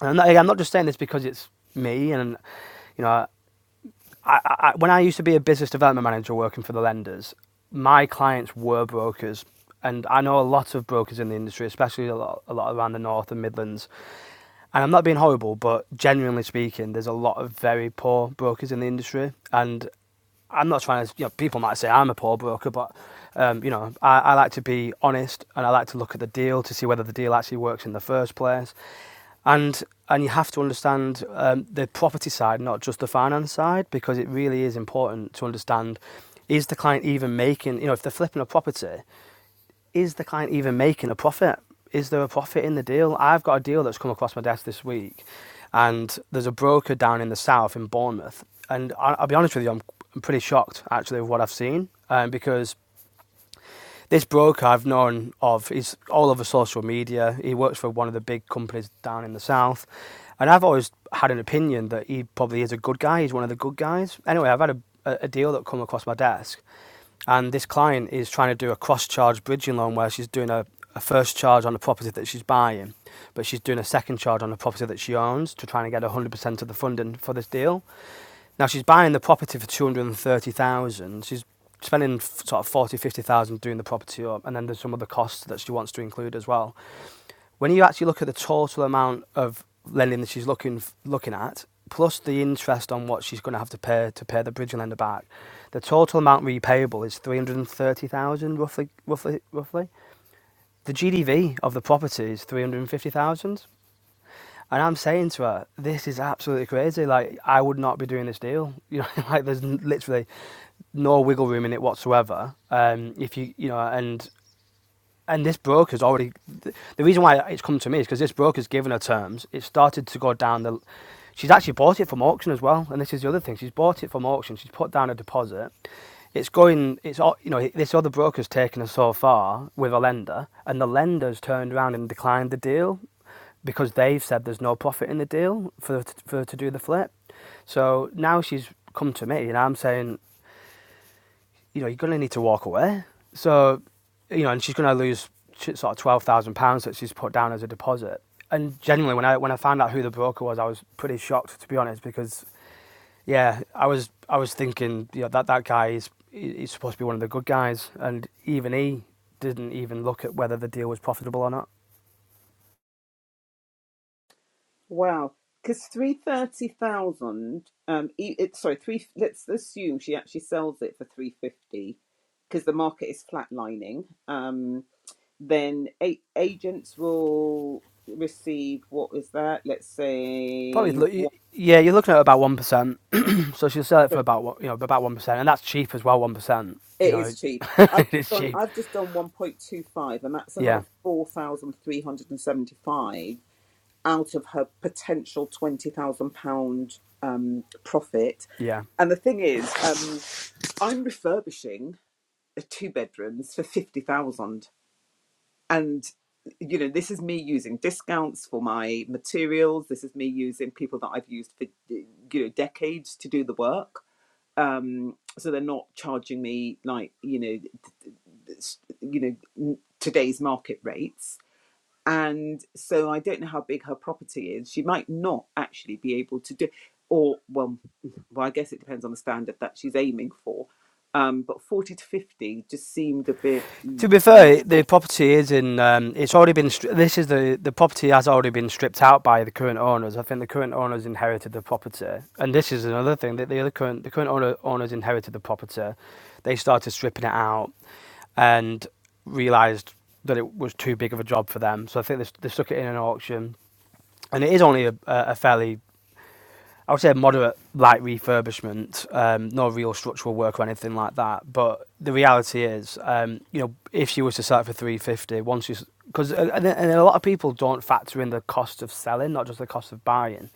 S3: and I'm not, I'm not just saying this because it's me and you know I, I, when i used to be a business development manager working for the lenders my clients were brokers and i know a lot of brokers in the industry especially a lot, a lot around the north and midlands and I'm not being horrible, but genuinely speaking, there's a lot of very poor brokers in the industry. And I'm not trying to, you know, people might say I'm a poor broker, but, um, you know, I, I like to be honest and I like to look at the deal to see whether the deal actually works in the first place. And and you have to understand um, the property side, not just the finance side, because it really is important to understand is the client even making, you know, if they're flipping a property, is the client even making a profit? Is there a profit in the deal? I've got a deal that's come across my desk this week, and there's a broker down in the south in Bournemouth. And I- will be honest with you, I'm I'm pretty shocked actually with what I've seen um, because this broker I've known of is all over social media. He works for one of the big companies down in the south, and I've always had an opinion that he probably is a good guy. He's one of the good guys. Anyway, I've had a a deal that come across my desk, and this client is trying to do a cross charge bridging loan where she's doing a, a first charge on a property that she's buying, but she's doing a second charge on a property that she owns to try and get 100% of the funding for this deal. Now she's buying the property for 230,000. She's spending sort of 40, 50,000 doing the property up, and then there's some other costs that she wants to include as well. When you actually look at the total amount of lending that she's looking looking at, plus the interest on what she's going to have to pay to pay the bridging lender back, the total amount repayable is three hundred and thirty thousand, roughly, roughly, roughly. The GDV of the property is three hundred and fifty thousand, and I'm saying to her, this is absolutely crazy. Like I would not be doing this deal. You know, like there's literally no wiggle room in it whatsoever. Um, if you, you know, and and this broker's already the reason why it's come to me is because this broker's given her terms. It started to go down the. She's actually bought it from auction as well, and this is the other thing. She's bought it from auction. She's put down a deposit. It's going. It's you know this other broker's taken her so far with a lender, and the lender's turned around and declined the deal because they've said there's no profit in the deal for for her to do the flip. So now she's come to me, and I'm saying you know, you're going to need to walk away. So, you know, and she's going to lose sort of twelve thousand pounds that she's put down as a deposit. And genuinely, when I when I found out who the broker was, I was pretty shocked to be honest, because yeah, I was I was thinking, you know, that that guy is he- he's supposed to be one of the good guys, and even he didn't even look at whether the deal was profitable or not.
S1: Wow, because three thirty thousand. Um, e- it's sorry, three. Let's assume she actually sells it for three fifty because the market is flatlining. Um, then a- agents will receive what is that? Let's
S3: Probably,
S1: say one.
S3: yeah, you're looking at about one percent. So she'll sell it
S1: So
S3: for about one- you know about one percent, and that's cheap as well. One percent, you
S1: it
S3: know,
S1: is cheap. I've
S3: it's
S1: done.
S3: cheap.
S1: I've just done one point two five, and that's another
S3: Yeah,
S1: four thousand three hundred and seventy five out of her potential twenty thousand pound um profit.
S3: yeah.
S1: And the thing is, um, I'm refurbishing a two bedrooms for 50,000 and you know this is me using discounts for my materials this is me using people that I've used for you know decades to do the work um so they're not charging me like you know you know today's market rates and so I don't know how big her property is. She might not actually be able to do, or well, well, I guess it depends on the standard that she's aiming for. Um, but forty to fifty just seemed a bit.
S3: To
S1: "Ooh,
S3: be
S1: I'm not. sure."
S3: fair, the property is in. Um, it's already been. stri- This is the the property has already been stripped out by the current owners. I think the current owners inherited the property, and this is another thing that the other current the current owner, owners inherited the property. They started stripping it out and realised that it was too big of a job for them. So I think they, they stuck it in an auction, and it is only a a fairly I would say moderate light refurbishment, um, no real structural work or anything like that. But the reality is, um, you know, if she was to sell it for three fifty, once you because and, and a lot of people don't factor in the cost of selling, not just the cost of buying.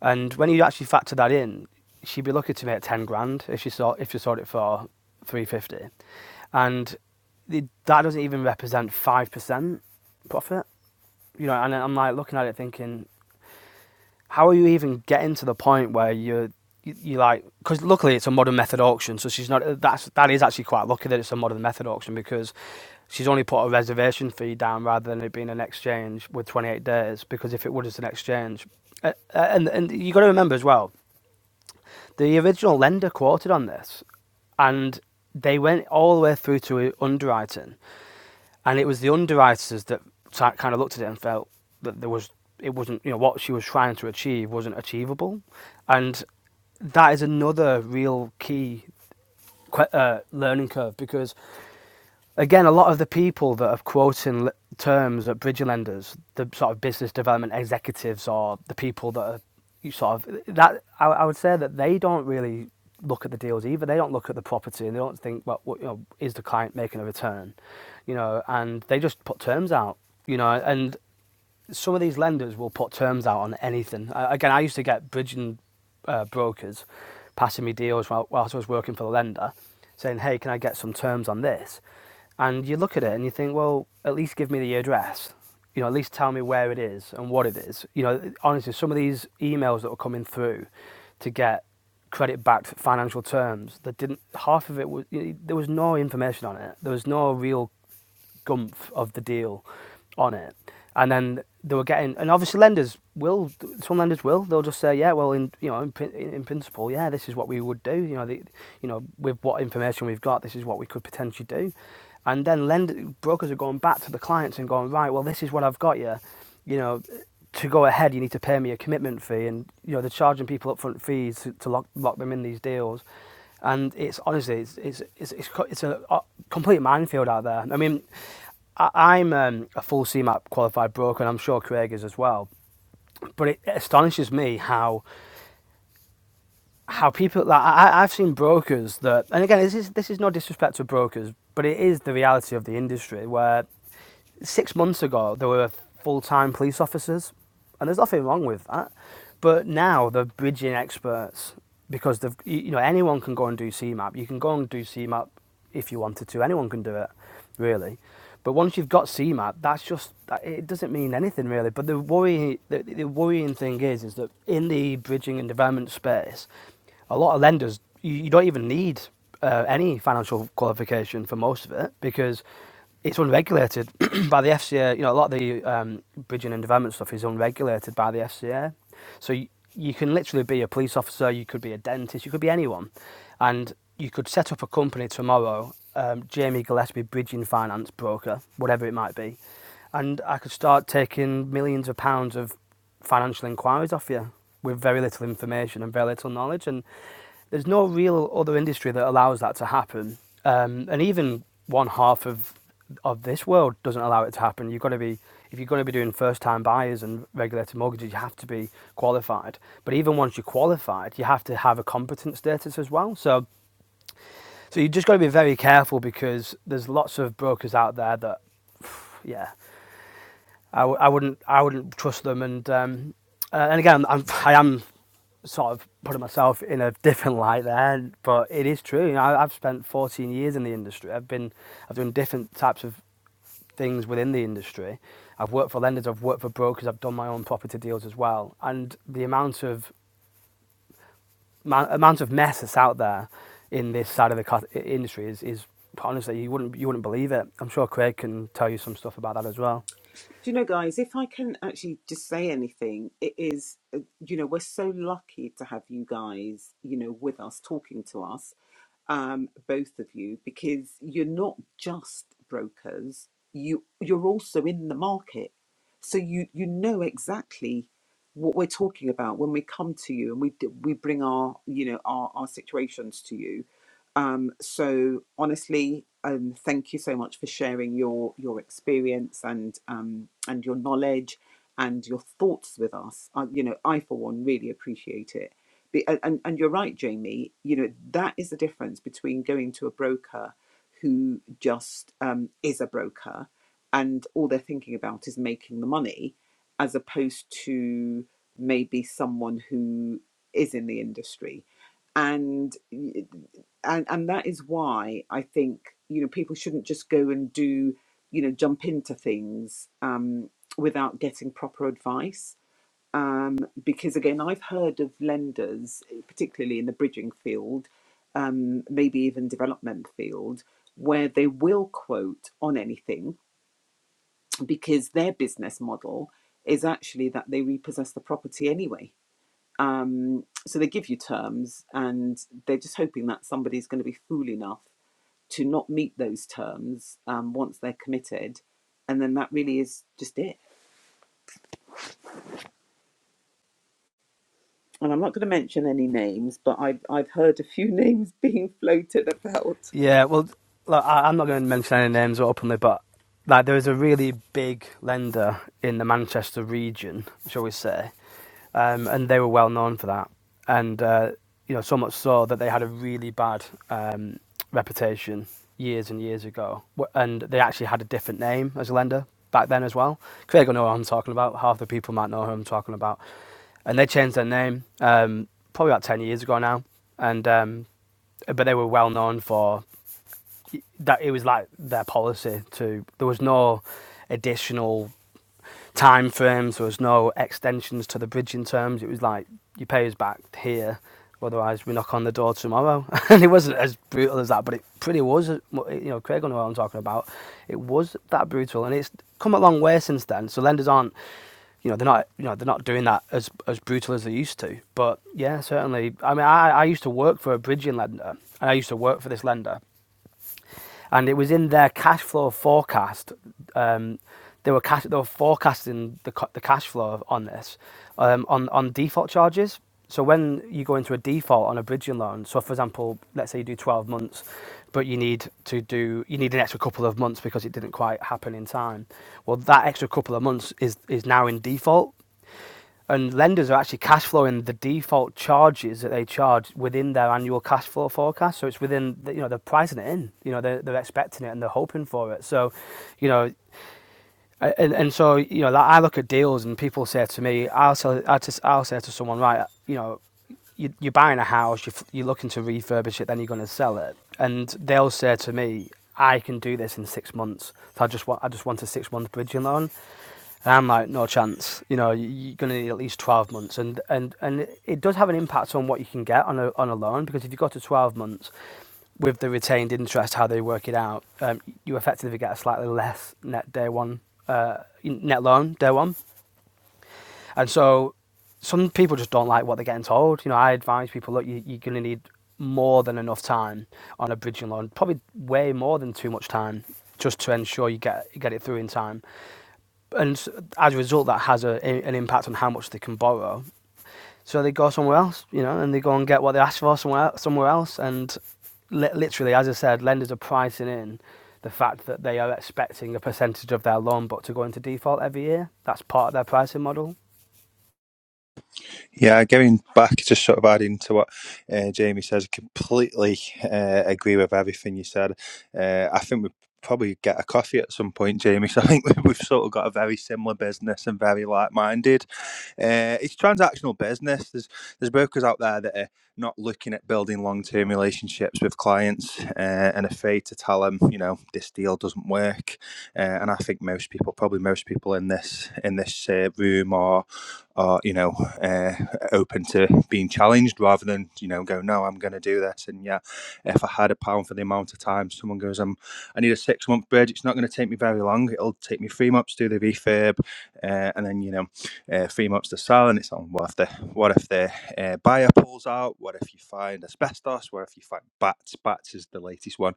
S3: And when you actually factor that in, she'd be lucky to make ten grand if she sold if she sold it for three fifty, and the, that doesn't even represent five percent profit. You know, and I'm like looking at it thinking, how are you even getting to the point where you're you, you like because luckily it's a modern method auction, so she's not that's that is actually quite lucky that it's a modern method auction because she's only put a reservation fee down rather than it being an exchange with 28 days because if it would it's an exchange Uh, uh, and and you got to remember as well the original lender quoted on this and they went all the way through to underwriting and it was the underwriters that kind of looked at it and felt that there was it wasn't you know what she was trying to achieve wasn't achievable, and that is another real key uh, learning curve because again, a lot of the people that are quoting terms at bridge lenders, the sort of business development executives or the people that are you sort of that, I, I would say that they don't really look at the deals either. They don't look at the property and they don't think, well, what, you know, is the client making a return? You know, and they just put terms out. You know, and some of these lenders will put terms out on anything. I, again, I used to get bridging uh, brokers passing me deals while, whilst I was working for the lender, saying, "Hey, can I get some terms on this?" And you look at it and you think, "Well, at least give me the address. You know, at least tell me where it is and what it is." You know, honestly, some of these emails that were coming through to get credit backed financial terms that didn't half of it was you know, there was no information on it. There was no real gumph of the deal on it. And then they were getting, and obviously lenders will, some lenders will, they'll just say, yeah, well, in you know, in, in principle, yeah, this is what we would do. You know, the, you know, with what information we've got, this is what we could potentially do. And then lender brokers are going back to the clients and going, right, well, this is what I've got you. You know, to go ahead, you need to pay me a commitment fee, and you know they're charging people upfront fees to, to lock lock them in these deals and it's honestly it's it's it's it's, it's a uh, complete minefield out there. I mean, I, I'm um, a full CMAP qualified broker, and I'm sure Craig is as well. But it it astonishes me how how people like I, I've seen brokers that, and again, this is this is no disrespect to brokers, but it is the reality of the industry where six months ago there were full-time police officers and there's nothing wrong with that but now they're bridging experts because they've you know anyone can go and do cmap you can go and do cmap if you wanted to anyone can do it really but once you've got cmap that's just it doesn't mean anything really but the worrying the, the worrying thing is is that in the bridging and development space a lot of lenders you, you don't even need uh, any financial qualification for most of it because it's unregulated by the FCA. You know, a lot of the um, bridging and development stuff is unregulated by the FCA. So you, you can literally be a police officer, you could be a dentist, you could be anyone, and you could set up a company tomorrow, um, Jamie Gillespie Bridging Finance Broker, whatever it might be, and I could start taking millions of pounds of financial inquiries off you with very little information and very little knowledge. And there's no real other industry that allows that to happen. Um, and even one half of of this world doesn't allow it to happen. You've got to be if you're going to be doing first time buyers and regulated mortgages, you have to be qualified. But even once you're qualified, you have to have a competent status as well. So so you just got to be very careful because there's lots of brokers out there that yeah I, w- I wouldn't I wouldn't trust them. And um, uh, and again, I'm, I am sort of putting myself in a different light there, but it is true. You know, I, I've spent 14 years in the industry. I've been I've done different types of things within the industry. I've worked for lenders. I've worked for brokers. I've done my own property deals as well. And the amount of ma- amount of mess that's out there in this side of the co- industry is, is honestly you wouldn't you wouldn't believe it. I'm sure Craig can tell you some stuff about that as well.
S1: Do you know, guys, if I can actually just say anything, it is, uh, you know, we're so lucky to have you guys, you know, with us, talking to us, um, both of you, because you're not just brokers, you, you're also in the market. So you, you know exactly what we're talking about when we come to you and we, d- we bring our, you know, our, our situations to you um, so honestly, um, thank you so much for sharing your your experience and um, and your knowledge and your thoughts with us. Uh, you know, I for one really appreciate it. Be- and and and you're right, Jamie. You know that is the difference between going to a broker who just um, is a broker and all they're thinking about is making the money, as opposed to maybe someone who is in the industry and and and that is why I think you know people shouldn't just go and do you know jump into things um, without getting proper advice. Um, because again, I've heard of lenders, eh, particularly in the bridging field, um, maybe even development field, where they will quote on anything because their business model is actually that they repossess the property anyway. Um, so they give you terms and they're just hoping that somebody's going to be fool enough to not meet those terms um, once they're committed, and then that really is just it. And I'm not going to mention any names, but I've I've heard a few names being floated about.
S3: Yeah, well, look, I, I'm not going to mention any names openly, but like there is a really big lender in the Manchester region, shall we say, um, and they were well known for that, and uh, you know so much so that they had a really bad um, reputation years and years ago, and they actually had a different name as a lender back then as well. Craig will know what I'm talking about. Half the people might know who I'm talking about, and they changed their name um, probably about ten years ago now, and um, but they were well known for that it was like their policy to there was no additional time frames there was no extensions to the bridging terms it was like you pay us back here otherwise we knock on the door tomorrow and it wasn't as brutal as that but it pretty was uh, you know craig will know what i'm talking about it was that brutal and it's come a long way since then so lenders aren't you know they're not you know they're not doing that as as brutal as they used to but yeah certainly i mean i i used to work for a bridging lender and i used to work for this lender and it was in their cash flow forecast. Um, they were cash, they were forecasting the the cash flow on this um, on on default charges. So when you go into a default on a bridging loan, so for example, let's say you do 12 months, but you need to do you need an extra couple of months because it didn't quite happen in time. Well, that extra couple of months is is now in default and lenders are actually cash flowing the default charges that they charge within their annual cash flow forecast. So it's within, the, you know, they're pricing it in. You know, they're, they're expecting it and they're hoping for it. So, you know, and and so you know, like I look at deals and people say to me, I'll say, I'll, just, I'll say to someone, right, you know, you, you're buying a house, you're, you're looking to refurbish it, then you're going to sell it, and they'll say to me, I can do this in six months. So I just want, I just want a six month bridging loan. And I'm like, no chance. You know, you- are going to need at least 12 months, and and and it does have an impact on what you can get on a on a loan because if you go to 12 months with the retained interest, how they work it out, um, you effectively get a slightly less net day one uh, net loan day one, and so some people just don't like what they're getting told. You know, I advise people look, you, you're going to need more than enough time on a bridging loan, probably way more than too much time, just to ensure you get you get it through in time and as a result, that has a, an impact on how much they can borrow. So they go somewhere else, you know, and they go and get what they asked for somewhere somewhere else. And li- literally, as I said, lenders are pricing in the fact that they are expecting a percentage of their loan book to go into default every year. That's part of their pricing model.
S2: Yeah, going back, just sort of adding to what uh, Jamie says, I completely uh, agree with everything you said. Uh, I think we probably get a coffee at some point, Jamie. So I think we've sort of got a very similar business and very like-minded. Uh, it's transactional business. There's there's brokers out there that are not looking at building long-term relationships with clients uh, and afraid to tell them, you know, this deal doesn't work. Uh, and I think most people, probably most people in this in this uh, room, or or you know. Uh, open to being challenged rather than you know go no I'm going to do this and yeah if I had a pound for the amount of time someone goes I'm I need a six month bridge it's not going to take me very long it'll take me three months to do the refurb uh, and then you know uh, three months to sell and it's on what if the what if the uh, buyer pulls out what if you find asbestos what if you find bats bats is the latest one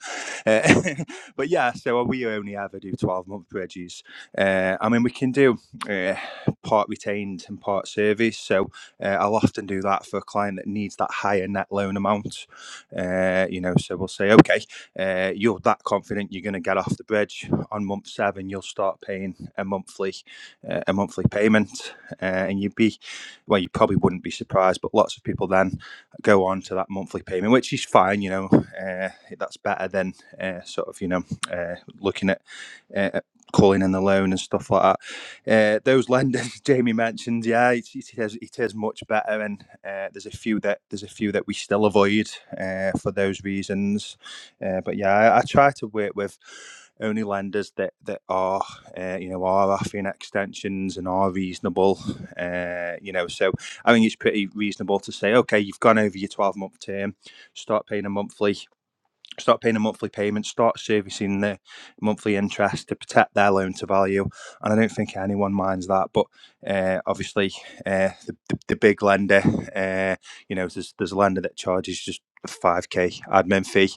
S2: uh, but yeah so we only ever do 12 month bridges uh, I mean we can do uh, part retained and part service so uh, I'll often do that for a client that needs that higher net loan amount. Uh, you know, so we'll say, okay, uh, you're that confident you're going to get off the bridge on month seven. You'll start paying a monthly, uh, a monthly payment, uh, and you'd be, well, you probably wouldn't be surprised, but lots of people then go on to that monthly payment, which is fine. You know, uh, that's better than uh, sort of you know uh, looking at uh, calling in the loan and stuff like that. Uh, those lenders Jamie mentioned, yeah, it, it is it is much better, and uh, there's a few that there's a few that we still avoid uh, for those reasons. Uh, but yeah, I, I try to work with only lenders that that are uh, you know are offering extensions and are reasonable. Uh, you know, so I think it's pretty reasonable to say, okay, you've gone over your twelve month term, start paying a monthly start paying a monthly payment, start servicing the monthly interest to protect their loan to value. And I don't think anyone minds that. But uh, obviously, uh, the, the, the big lender, uh, you know, there's, there's a lender that charges just a 5k admin fee.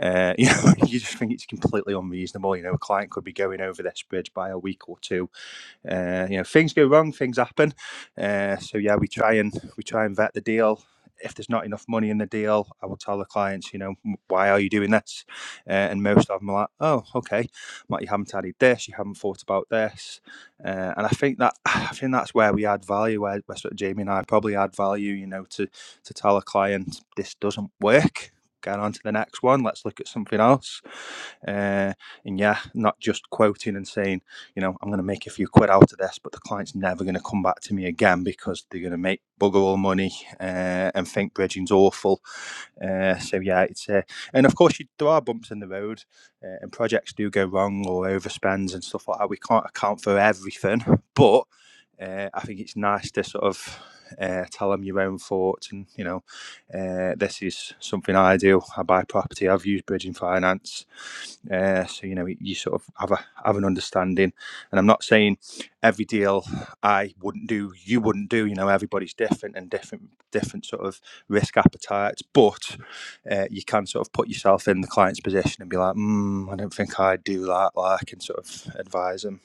S2: Uh, you know, you just think it's completely unreasonable. You know, a client could be going over their spreads by a week or two uh, you know, things go wrong, things happen. Uh, so yeah, we try and we try and vet the deal. If there's not enough money in the deal, I will tell the clients, you know, why are you doing this? Uh, and most of them are like, oh, okay, Matt, you haven't added this, you haven't thought about this, uh, and I think that I think that's where we add value. Where, where sort of Jamie and I probably add value, you know, to to tell a client this doesn't work. Going on to the next one. Let's look at something else. Uh, and yeah, not just quoting and saying you know, I'm going to make a few quid out of this, but the client's never going to come back to me again because they're going to make bugger all money uh, and think bridging's awful uh, so yeah, it's uh, and of course you, there are bumps in the road, uh, and projects do go wrong or overspends and stuff like that. We can't account for everything, but uh, I think it's nice to sort of uh, tell them your own thoughts and you know, uh, this is something I do. I buy property. I've used bridging finance, uh, so you know you sort of have a have an understanding. And I'm not saying every deal I wouldn't do, you wouldn't do. You know, everybody's different and different different sort of risk appetites, but uh, you can sort of put yourself in the client's position and be like, mm, I don't think I'd do that. Like, and sort of advise them.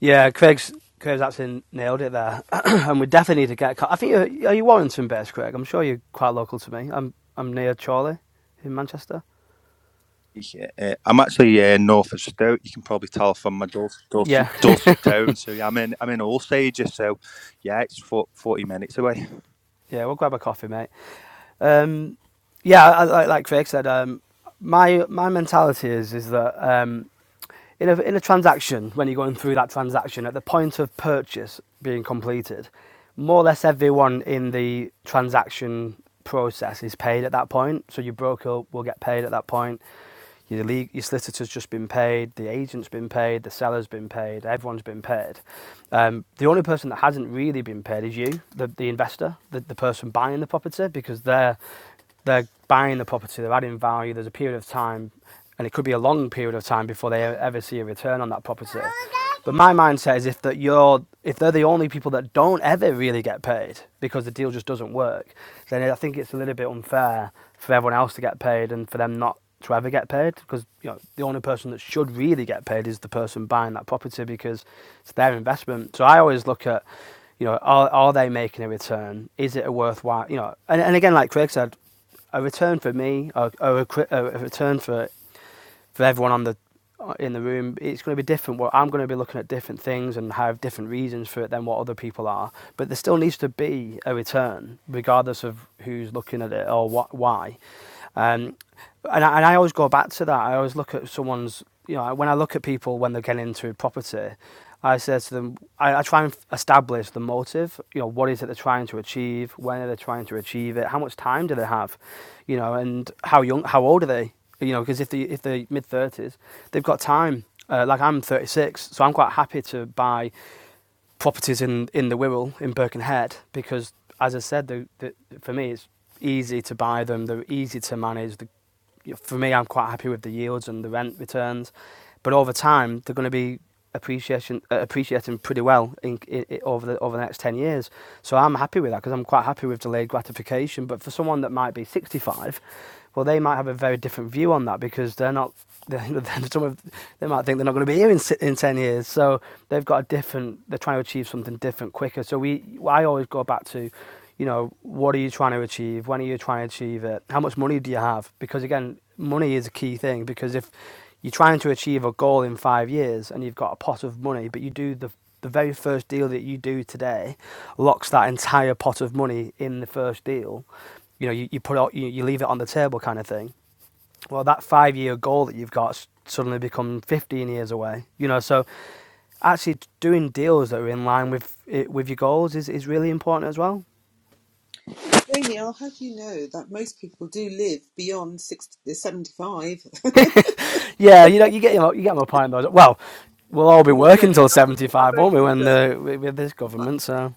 S3: Yeah, Craig's Craig's actually nailed it there, and we definitely need to get. I think you're, are you Warrington based, Craig? I'm sure you're quite local to me. I'm I'm near Chorley in Manchester.
S2: Yeah, uh, I'm actually uh, north of Stoke. You can probably tell from my dulcet, dulcet,
S3: Yeah,
S2: dulcet tone. So yeah, I'm in I'm in all stages. So yeah, it's for, forty minutes away.
S3: yeah, we'll grab a coffee, mate. Um, yeah, I, I, like Craig said, um, my my mentality is is that um, in a, in a transaction, when you're going through that transaction, at the point of purchase being completed, more or less everyone in the transaction process is paid at that point. So your broker will get paid at that point. Your, league, your solicitor's just been paid, the agent's been paid, the seller's been paid, everyone's been paid. Um, the only person that hasn't really been paid is you, the, the investor, the, the person buying the property, because they're they're buying the property, they're adding value, there's a period of time, and it could be a long period of time before they ever see a return on that property. But my mindset is if that you're if they're the only people that don't ever really get paid because the deal just doesn't work, then I think it's a little bit unfair for everyone else to get paid and for them not to ever get paid because you know the only person that should really get paid is the person buying that property because it's their investment. So I always look at you know are are they making a return? Is it a worthwhile you know? And and again, like Craig said, a return for me or, or a, a a return for for everyone on the uh, in the room, it's going to be different. Well, I'm going to be looking at different things and have different reasons for it than what other people are. But there still needs to be a return, regardless of who's looking at it or what, why. Um, and I, and I always go back to that. I always look at someone's, you know, when I look at people when they're getting into property, I say to them, I, I try and establish the motive. You know, what is it they're trying to achieve? When are they trying to achieve it? How much time do they have? You know, and how young, how old are they? You know, because if they if they're mid thirties, they've got time. Uh, like I'm 36, so I'm quite happy to buy properties in in the Wirral in Birkenhead because, as I said, the, the, for me it's easy to buy them. They're easy to manage. The for me, I'm quite happy with the yields and the rent returns. But over time, they're going to be appreciation uh, appreciating pretty well in, in, in- over the over the next 10 years so I'm happy with that because I'm quite happy with delayed gratification but for someone that might be 65 well they might have a very different view on that because they're not they're, they're some of they might think they're not going to be here in, si- in 10 years. So they've got a different, they're trying to achieve something different quicker. So we, I always go back to, you know, what are you trying to achieve? When are you trying to achieve it? How much money do you have? Because again, money is a key thing because if you're trying to achieve a goal in five years and you've got a pot of money, but you do the the very first deal that you do today locks that entire pot of money in the first deal. You know, you, you put out, you, you leave it on the table kind of thing well, that five year goal that you've got suddenly become 15 years away. You know, so actually doing deals that are in line with it, with your goals is, is really important as well.
S1: Jamie, I'll have you know that most people do live beyond 60, 75.
S3: yeah, you know, you get you, know, you get my point though. Well, we'll all be
S1: No,
S3: working
S1: no,
S3: till
S1: no. I'm only, I'm
S3: 75, won't we,
S1: only
S3: when the
S1: joking.
S3: with this government? So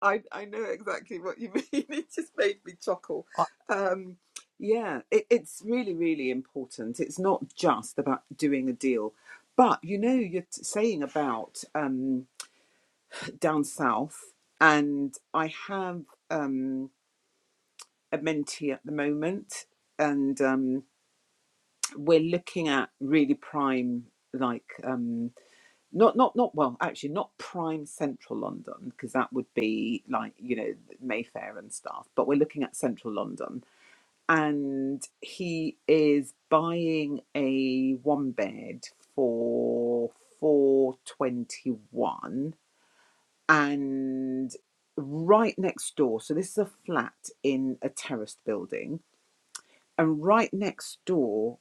S1: I I know exactly what you mean. It just made me chuckle.
S4: Are,
S1: Um, yeah, it, it's really really important. It's not just about doing a deal, but you know you're t- saying about um, down south, and I have um, a mentee at the moment, and um, we're looking at really prime like um, not not not well actually not prime central london because that would be like you know mayfair and stuff but we're looking at central london and he is buying a one bed for 421 and right next door so this is a flat in a terraced building and right next door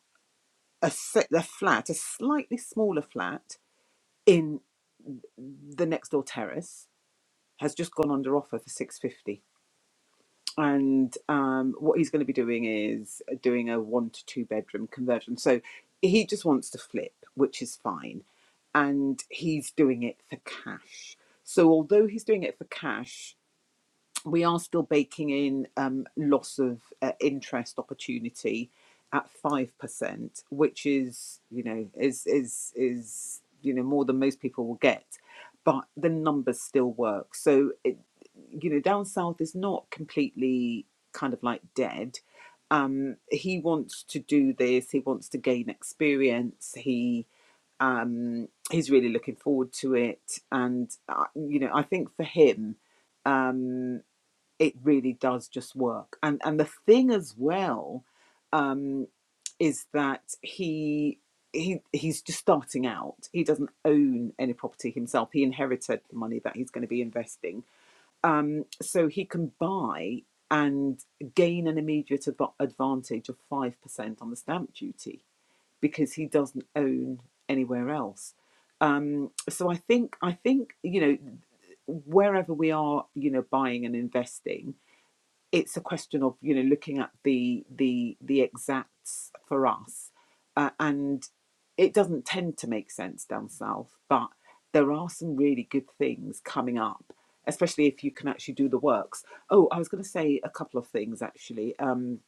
S1: a, se- a flat a slightly smaller flat in the next door terrace has just gone under offer for 650 and um, what he's going to be doing is doing a one to two bedroom conversion so he just wants to flip which is fine and he's doing it for cash so although he's doing it for cash we are still baking in um, loss of uh, interest opportunity at five percent, which is you know is is is you know more than most people will get, but the numbers still work. So it, you know, down south is not completely kind of like dead. Um, he wants to do this. He wants to gain experience. He um, he's really looking forward to it, and uh, you know, I think for him. um, it really does just work. And and the thing as well um, is that he he he's just starting out. He doesn't own any property himself. He inherited the money that he's going to be investing, um, so he can buy and gain an immediate adv- advantage of five percent on the stamp duty because he doesn't own anywhere else. Um, so I think I think you know wherever we are, you know, buying and investing it's a question of you know looking at the the the exacts for us uh, and it doesn't tend to make sense down south but there are some really good things coming up especially if you can actually do the works oh i was going to say a couple of things actually um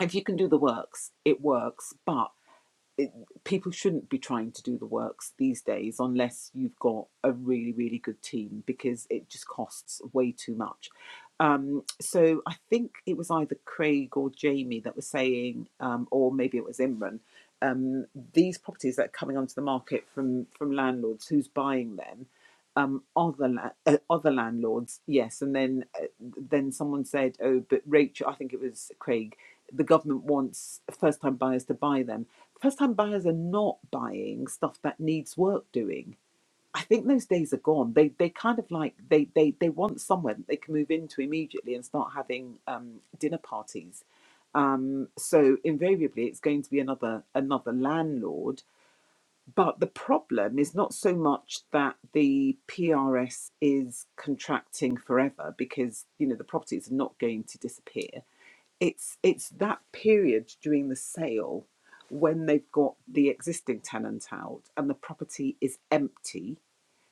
S1: if you can do the works it works but it, people shouldn't be trying to do the works these days unless you've got a really really good team because it just costs way too much um, so i think it was either craig or jamie that was saying um, or maybe it was imran um, these properties that are coming onto the market from from landlords who's buying them um, other la- uh, other landlords, yes. And then uh, then someone said, oh, but Rachel, I think it was Craig, the government wants first time buyers to buy them. First time buyers are not buying stuff that needs work doing. I think those days are gone. They they kind of like they they they want somewhere that they can move into immediately and start having um, dinner parties. Um, so invariably, it's going to be another another landlord but the problem is not so much that the PRS is contracting forever because you know the properties are not going to disappear. It's it's that period during the sale when they've got the existing tenant out and the property is empty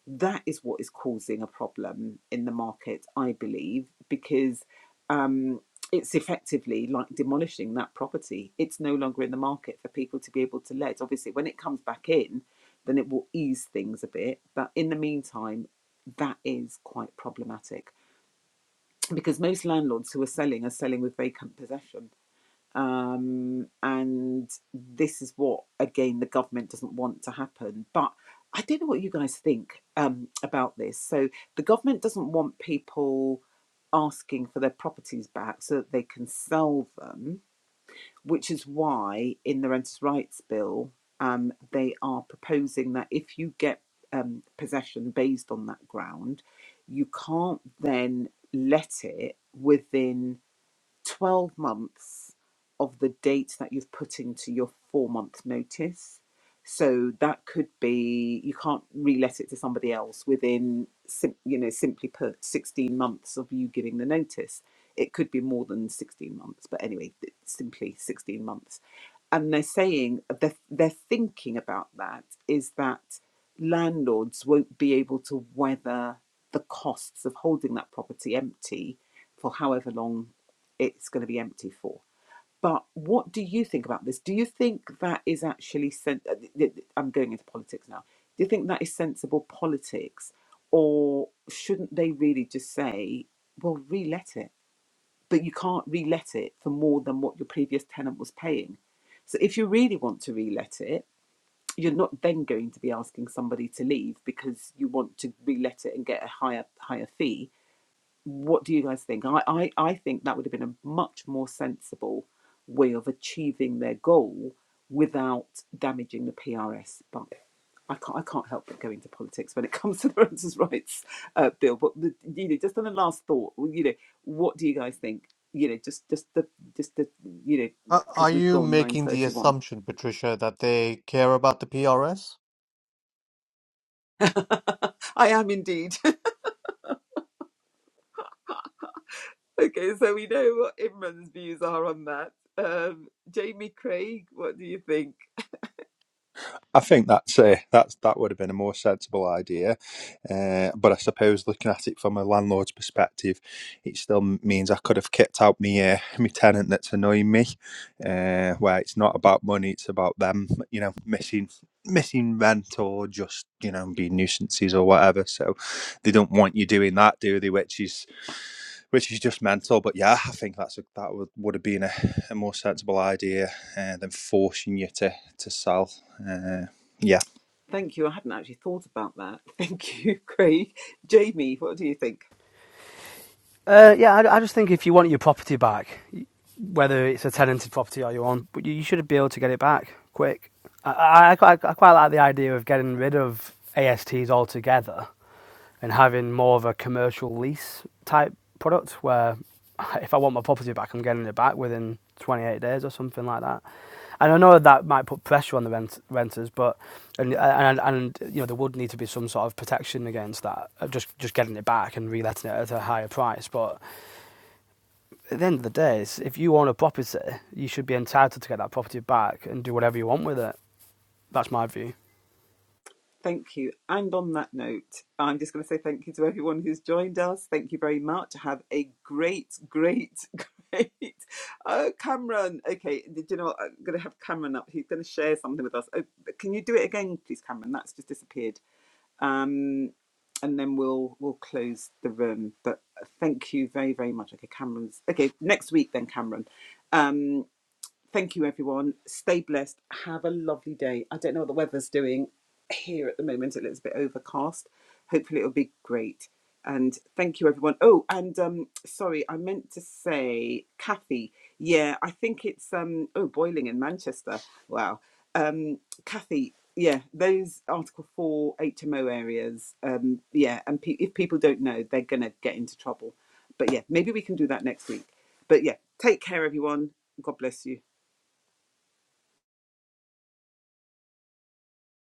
S1: that is what is causing a problem in the market, I believe, because um, it's effectively like demolishing that property. It's no longer in the market for people to be able to let. Obviously, when it comes back in, then it will ease things a bit. But in the meantime, that is quite problematic because most landlords who are selling are selling with vacant possession um, and this is what again the government doesn't want to happen but i don't know what you guys think um, about this so the government doesn't want people asking for their properties back so that they can sell them which is why in the renters rights bill um, they are proposing that if you get um, possession based on that ground you can't then let it within 12 months of the date that you've put into your four month notice. So that could be, you can't re-let it to somebody else within, sim- you know, simply put 16 months of you giving the notice. It could be more than 16 months, but anyway, th- simply 16 months. And they're saying, they're, they're thinking about that is that landlords won't be able to weather the costs of holding that property empty for however long it's going to be empty for. But what do you think about this? Do you think that is actually sen- uh, I'm going into politics now. Do you think that is sensible politics, or shouldn't they really just say, "Well, re-let it," but you can't re-let it for more than what your previous tenant was paying. So if you really want to re-let it, you're not then going to be asking somebody to leave because you want to re-let it and get a higher higher fee what do you guys think? I, I, I think that would have been a much more sensible way of achieving their goal without damaging the PRS. But I can't, I can't help but go into politics when it comes to the renters' rights uh, bill. But the, you know, just on the last thought, well, you know, what do you guys think? You know, just just the just the you know,
S4: are are
S1: because we've
S4: you
S1: gone nine
S4: making the
S1: thirty one.
S4: assumption, Patricia, that they care about the PRS?
S1: I am indeed. okay, so we know what Imran's views are on that. Um, Jamie Craig, what do you think?
S2: I think that's uh, that's that would have been a more sensible idea, uh, but I suppose looking at it from a landlord's perspective, it still means I could have kept out me uh, me tenant that's annoying me. Uh, where it's not about money, it's about them, you know, missing missing rent or just you know being nuisances or whatever. So they don't want you doing that, do they? Which is which is just mental. But yeah, I think that's a, that would, would have been a, a more sensible idea uh, than forcing you to to sell. Uh, yeah.
S1: Thank you. I hadn't actually thought about that. Thank you, Craig. Jamie, what do you think?
S3: uh, yeah, I, I just think if you want your property back, whether it's a tenanted property or your own, but you, you should be able to get it back quick. I, I, I, I quite like the idea of getting rid of ASTs altogether and having more of a commercial lease type product where if I want my property back, I'm getting it back within 28 days or something like that. And I know that might put pressure on the rent- renters, but and, and and you know there would need to be some sort of protection against that, uh, just just getting it back and reletting it at a higher price. But at the end of the day, if you own a property, you should be entitled to get that property back and do whatever you want with it. That's my view.
S1: Thank you. And on that note, I'm just going to say thank you to everyone who's joined us. Thank you very much. Have a great, great, great. Oh, Cameron. Okay, Do you know what? I'm going to have Cameron up. He's going to share something with us. Oh, but can you do it again, please, Cameron? That's just disappeared. Um, and then we'll we'll close the room. But thank you very, very much. Okay, Cameron's. Okay, next week then, Cameron. Um, Thank you, everyone. Stay blessed. Have a lovely day. I don't know what the weather's doing here at the moment. It looks a bit overcast. Hopefully, it'll be great. And thank you, everyone. Oh, and um, sorry, I meant to say, Kathy. Yeah, I think it's um, oh, boiling in Manchester. Wow. Um, Kathy. Yeah, those Article Four HMO areas. Um, yeah, and pe- if people don't know, they're gonna get into trouble. But yeah, maybe we can do that next week. But yeah, take care, everyone. God bless you.